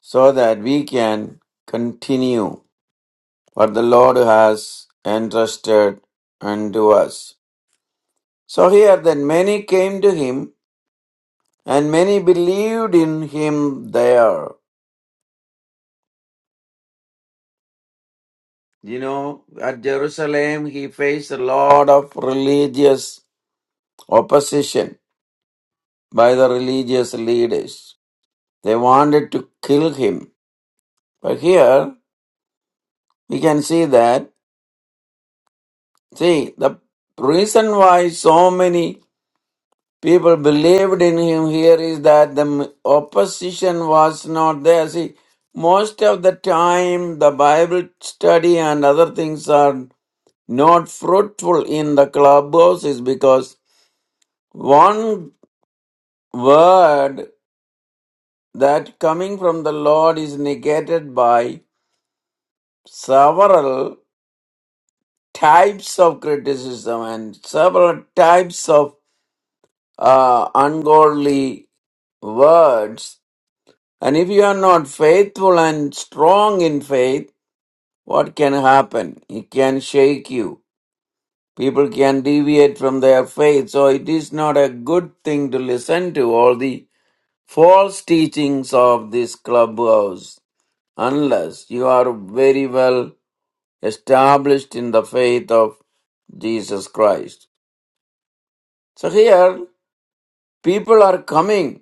[SPEAKER 2] so that we can continue what the Lord has entrusted unto us. So here then many came to him and many believed in him there. You know, at Jerusalem he faced a lot of religious opposition by the religious leaders. They wanted to kill him. But here we can see that See, the reason why so many people believed in him here is that the m- opposition was not there. See, most of the time the Bible study and other things are not fruitful in the clubhouses because one word that coming from the Lord is negated by several types of criticism and several types of uh, ungodly words. And if you are not faithful and strong in faith, what can happen? It can shake you. People can deviate from their faith. So it is not a good thing to listen to all the false teachings of this clubhouse unless you are very well established in the faith of Jesus Christ. So here, people are coming.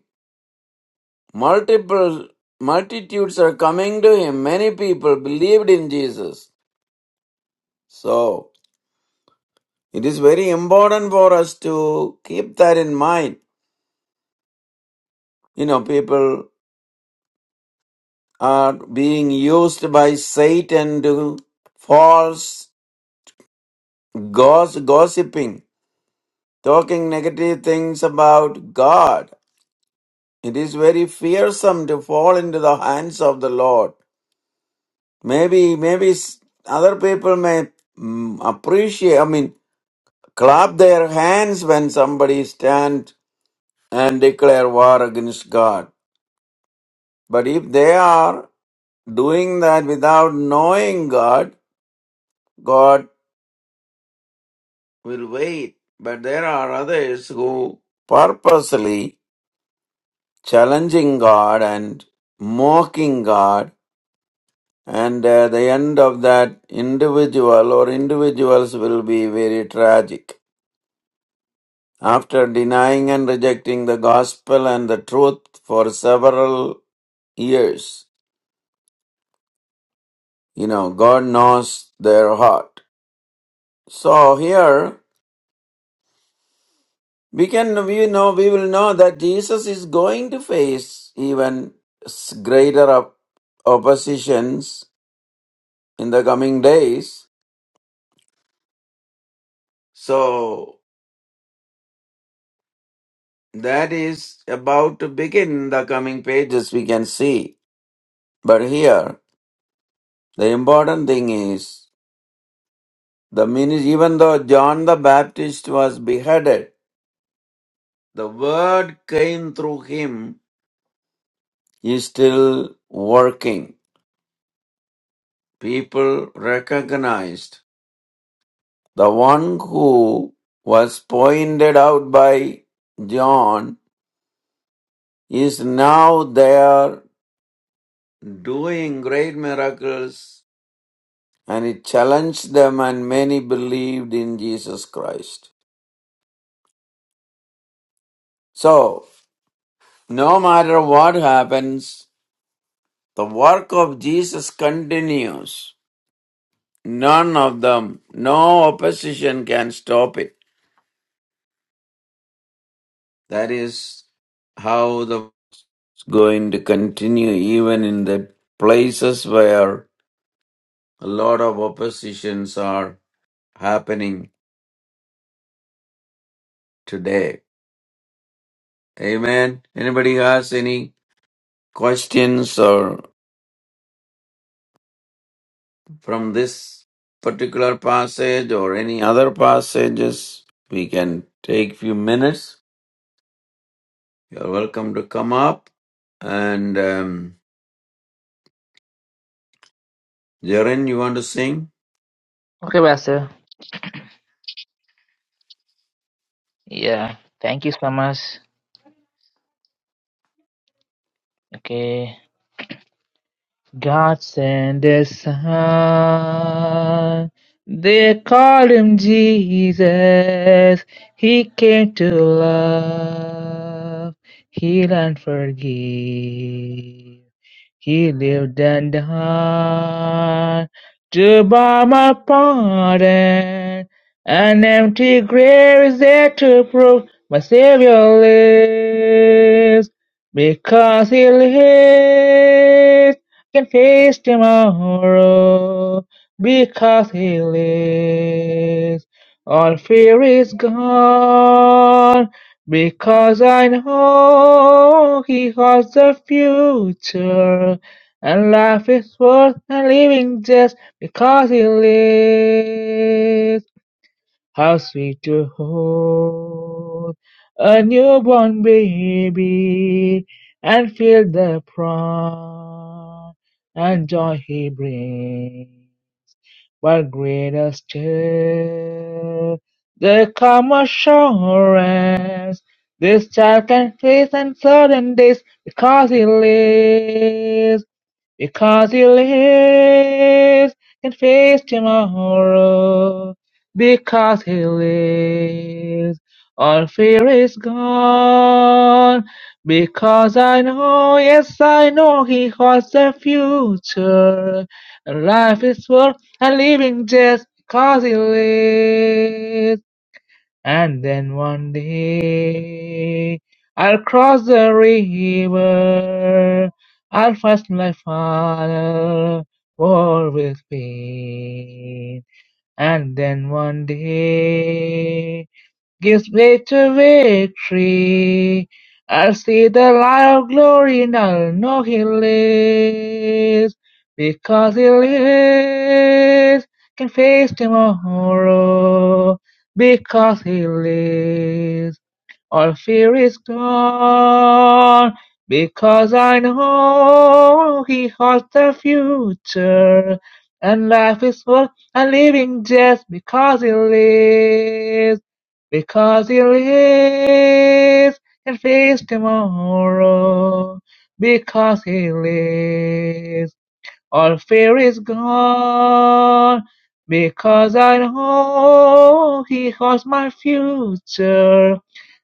[SPEAKER 2] Multiple multitudes are coming to him. Many people believed in Jesus. So it is very important for us to keep that in mind. You know, people are being used by Satan to false goss, gossiping, talking negative things about God. It is very fearsome to fall into the hands of the Lord. Maybe, maybe s- other people may mm, appreciate. I mean, clap their hands when somebody stands and declare war against God. But if they are doing that without knowing God, God will wait. But there are others who purposely challenging God and mocking God, and uh, the end of that individual or individuals will be very tragic. After denying and rejecting the gospel and the truth for several ears. You know, God knows their heart. So here we can we know we will know that Jesus is going to face even s- greater op- oppositions in the coming days. So that is about to begin in the coming pages we can see. But here the important thing is the ministry, even though John the Baptist was beheaded, the word came through him is still working. People recognized the one who was pointed out by John is now there doing great miracles and it challenged them and many believed in Jesus Christ. So, no matter what happens, the work of Jesus continues. None of them, no opposition can stop it. That is how the it's going to continue even in the places where a lot of oppositions are happening today. Amen. Anybody has any questions or from this particular passage or any other passages? We can take few minutes. You're welcome to come up. And um, Jaren, you want to sing?
[SPEAKER 1] Okay, Pastor. Yeah. Thank you so much. Okay. God sent his son. They called him Jesus. He came to love, heal, and forgive. He lived and died to buy my pardon. An empty grave is there to prove my Savior lives. Because he lives, I can face tomorrow. Because he lives, all fear is gone. Because I know he has the future, and life is worth living just because he lives. How sweet to hold a newborn baby and feel the pride and joy he brings. What greater still the calm assurance this child can face uncertain days because he lives. Because he lives, can face tomorrow. Because he lives, all fear is gone. Because I know, yes, I know he holds the future. And life is worth living just because he lives. And then one day I'll cross the river. I'll fast my father war with pain. And then one day gives me to victory. I see the light of glory and I know He lives. Because He lives, can face tomorrow. Because He lives. All fear is gone because I know He holds the future. And life is worth a living just because He lives. Because He lives and face tomorrow. Because He lives. All fear is gone because I know He holds my future.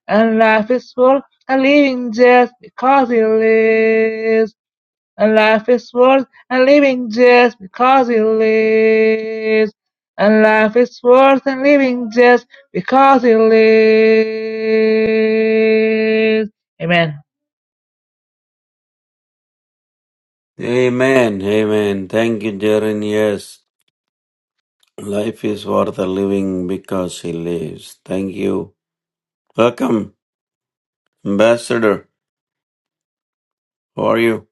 [SPEAKER 1] And life is worth a living just because He lives. And life is worth a living just because He lives. And life is worth a living just because He lives. Amen.
[SPEAKER 2] Amen. Amen. Thank you, Jaren. Yes. Life is for the living because he lives. Thank you. Welcome, Ambassador. How are you?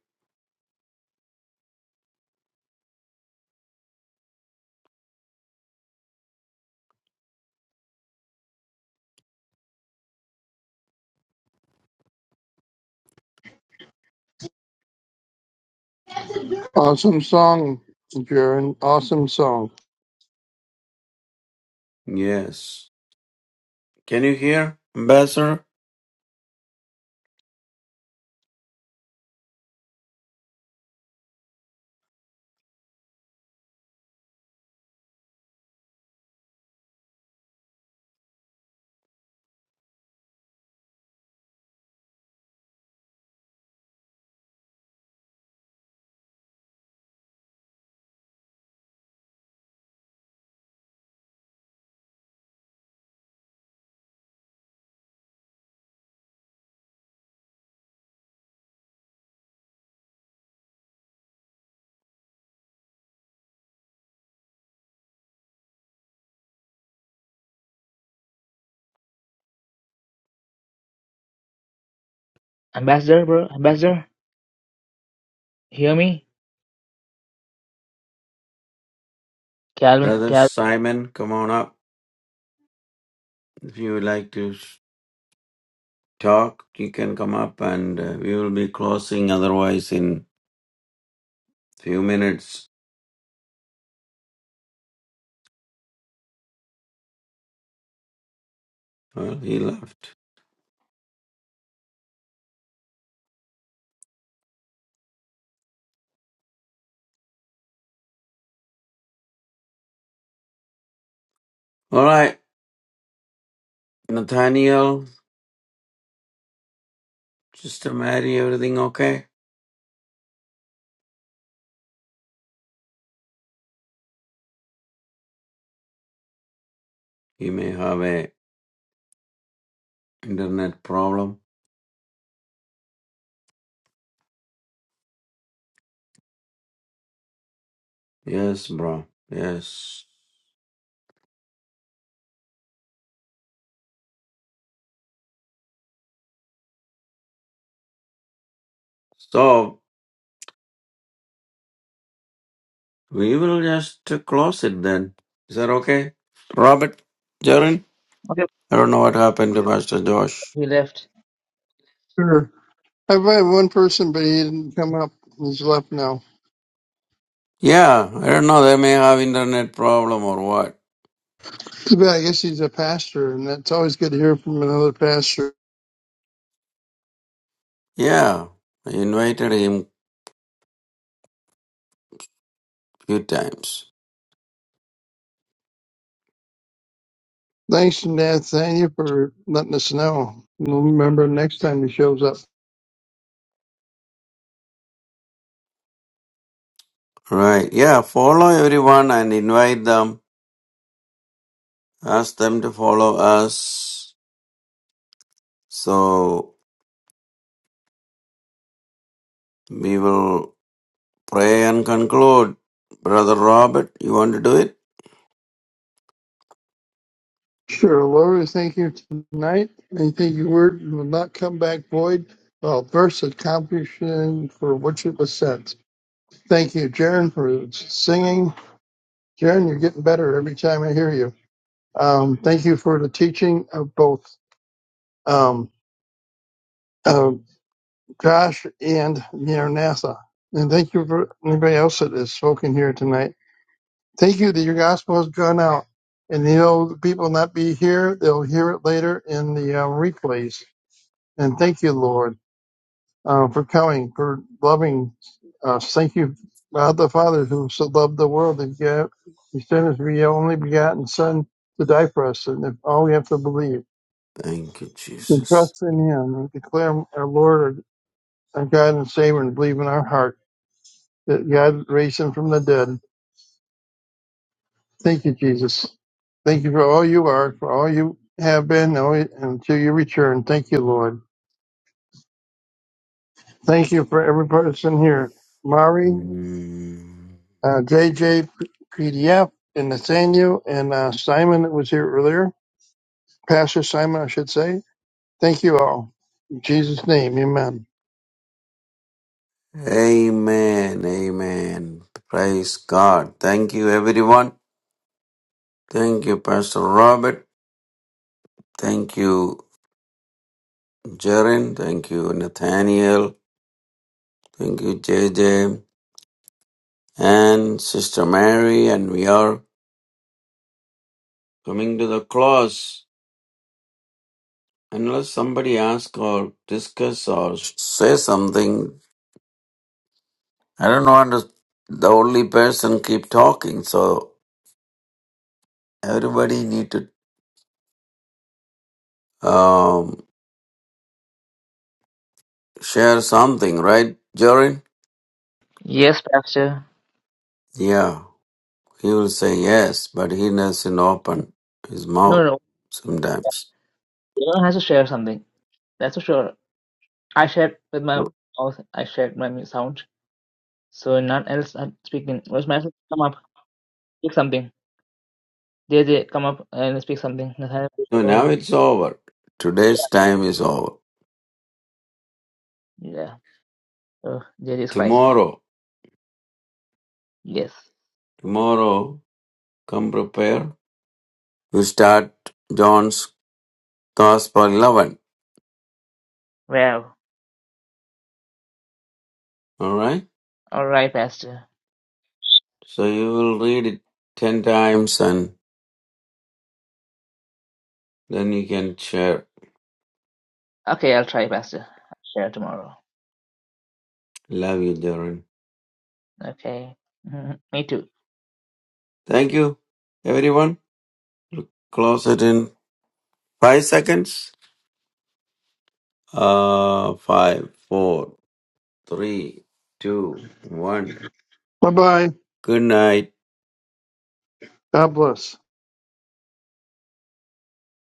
[SPEAKER 4] Awesome song, Jaron. Awesome song.
[SPEAKER 2] Yes. Can you hear, Ambassador?
[SPEAKER 1] Ambassador, bro, ambassador, hear me? Calvin,
[SPEAKER 2] Brother
[SPEAKER 1] Calvin,
[SPEAKER 2] Simon, come on up. If you would like to s- talk, you can come up and uh, we will be closing otherwise in few minutes. Well, he left. All right, Nathaniel, Sister Mary, everything okay? You may have a internet problem. Yes, bro. Yes. So, We will just close it then. Is that okay? Robert, Jaren?
[SPEAKER 1] okay,
[SPEAKER 2] I don't know what happened to Pastor Josh.
[SPEAKER 1] he left.
[SPEAKER 4] Sure. I've had one person, but he didn't come up. He's left now.
[SPEAKER 2] Yeah, I don't know. They may have internet problem or what.
[SPEAKER 4] Too bad. I guess he's a pastor, and that's always good to hear from another pastor.
[SPEAKER 2] Yeah, I invited him few times.
[SPEAKER 4] Thanks Nathaniel for letting us know. We'll remember next time he shows up.
[SPEAKER 2] Right. Yeah, follow everyone and invite them. Ask them to follow us. So we will pray and conclude. Brother Robert, you want to do it?
[SPEAKER 4] Sure, Lord, we thank you tonight. I think your word will not come back void. Well, first, accomplishing for which it was sent. Thank you, Jaron, for singing. Jaron, you're getting better every time I hear you. Um, thank you for the teaching of both um, uh, Josh and Mayor Nassa. And thank you for anybody else that has spoken here tonight. Thank you that your gospel has gone out. And you know, the people not be here, they'll hear it later in the uh, replays. And thank you, Lord, uh, for coming, for loving us. Thank you, God the Father, who so loved the world that gave- He sent His only begotten Son to die for us. And if all we have to believe.
[SPEAKER 2] Thank you,
[SPEAKER 4] and
[SPEAKER 2] Jesus.
[SPEAKER 4] trust in Him and declare our Lord, our God and Savior, and believe in our heart that God raised Him from the dead. Thank you, Jesus. Thank you for all you are, for all you have been, and all- you- until you return. Thank you, Lord. Thank you for every person here. Mari,
[SPEAKER 2] Mm.
[SPEAKER 4] uh, JJ, PDF, and Nathaniel, and uh, Simon that was here earlier. Pastor Simon, I should say. Thank you all. In Jesus' name, amen.
[SPEAKER 2] Amen. Amen. Praise God. Thank you, everyone. Thank you, Pastor Robert. Thank you, Jaron. Thank you, Nathaniel. Thank you, JJ. And Sister Mary. And we are coming to the close. Unless somebody asks or discuss or say something, I don't want to. The only person keep talking, so everybody need to um, share something, right, Jaron?
[SPEAKER 1] Yes, Pastor.
[SPEAKER 2] Yeah. He will say yes, but he doesn't open his
[SPEAKER 1] No, no,
[SPEAKER 2] mouth
[SPEAKER 1] no.
[SPEAKER 2] sometimes.
[SPEAKER 1] everyone has to share something. That's for sure. I shared with my
[SPEAKER 2] So
[SPEAKER 1] mouth. I shared my mu- sound. So none else had speaking. Was my come up, speak something. JJ, come up and speak something. Nathaniel,
[SPEAKER 2] so now
[SPEAKER 1] oh,
[SPEAKER 2] it's over. Today's time is over.
[SPEAKER 1] yeah, yeah. Oh, JJ is crying.
[SPEAKER 2] Tomorrow,
[SPEAKER 1] Yes.
[SPEAKER 2] tomorrow, come prepare. You start John's Gospel 11.
[SPEAKER 1] Well,
[SPEAKER 2] All right?
[SPEAKER 1] all right, Pastor.
[SPEAKER 2] So you will read it 10 times and then you can share.
[SPEAKER 1] Okay, I'll try, Pastor. share tomorrow.
[SPEAKER 2] Love you, Darren.
[SPEAKER 1] Okay. Mhm. Me too.
[SPEAKER 2] Thank you, everyone. Close it in five seconds. Uh, five, four, three, two, one.
[SPEAKER 4] Bye-bye.
[SPEAKER 2] Good night.
[SPEAKER 4] God bless.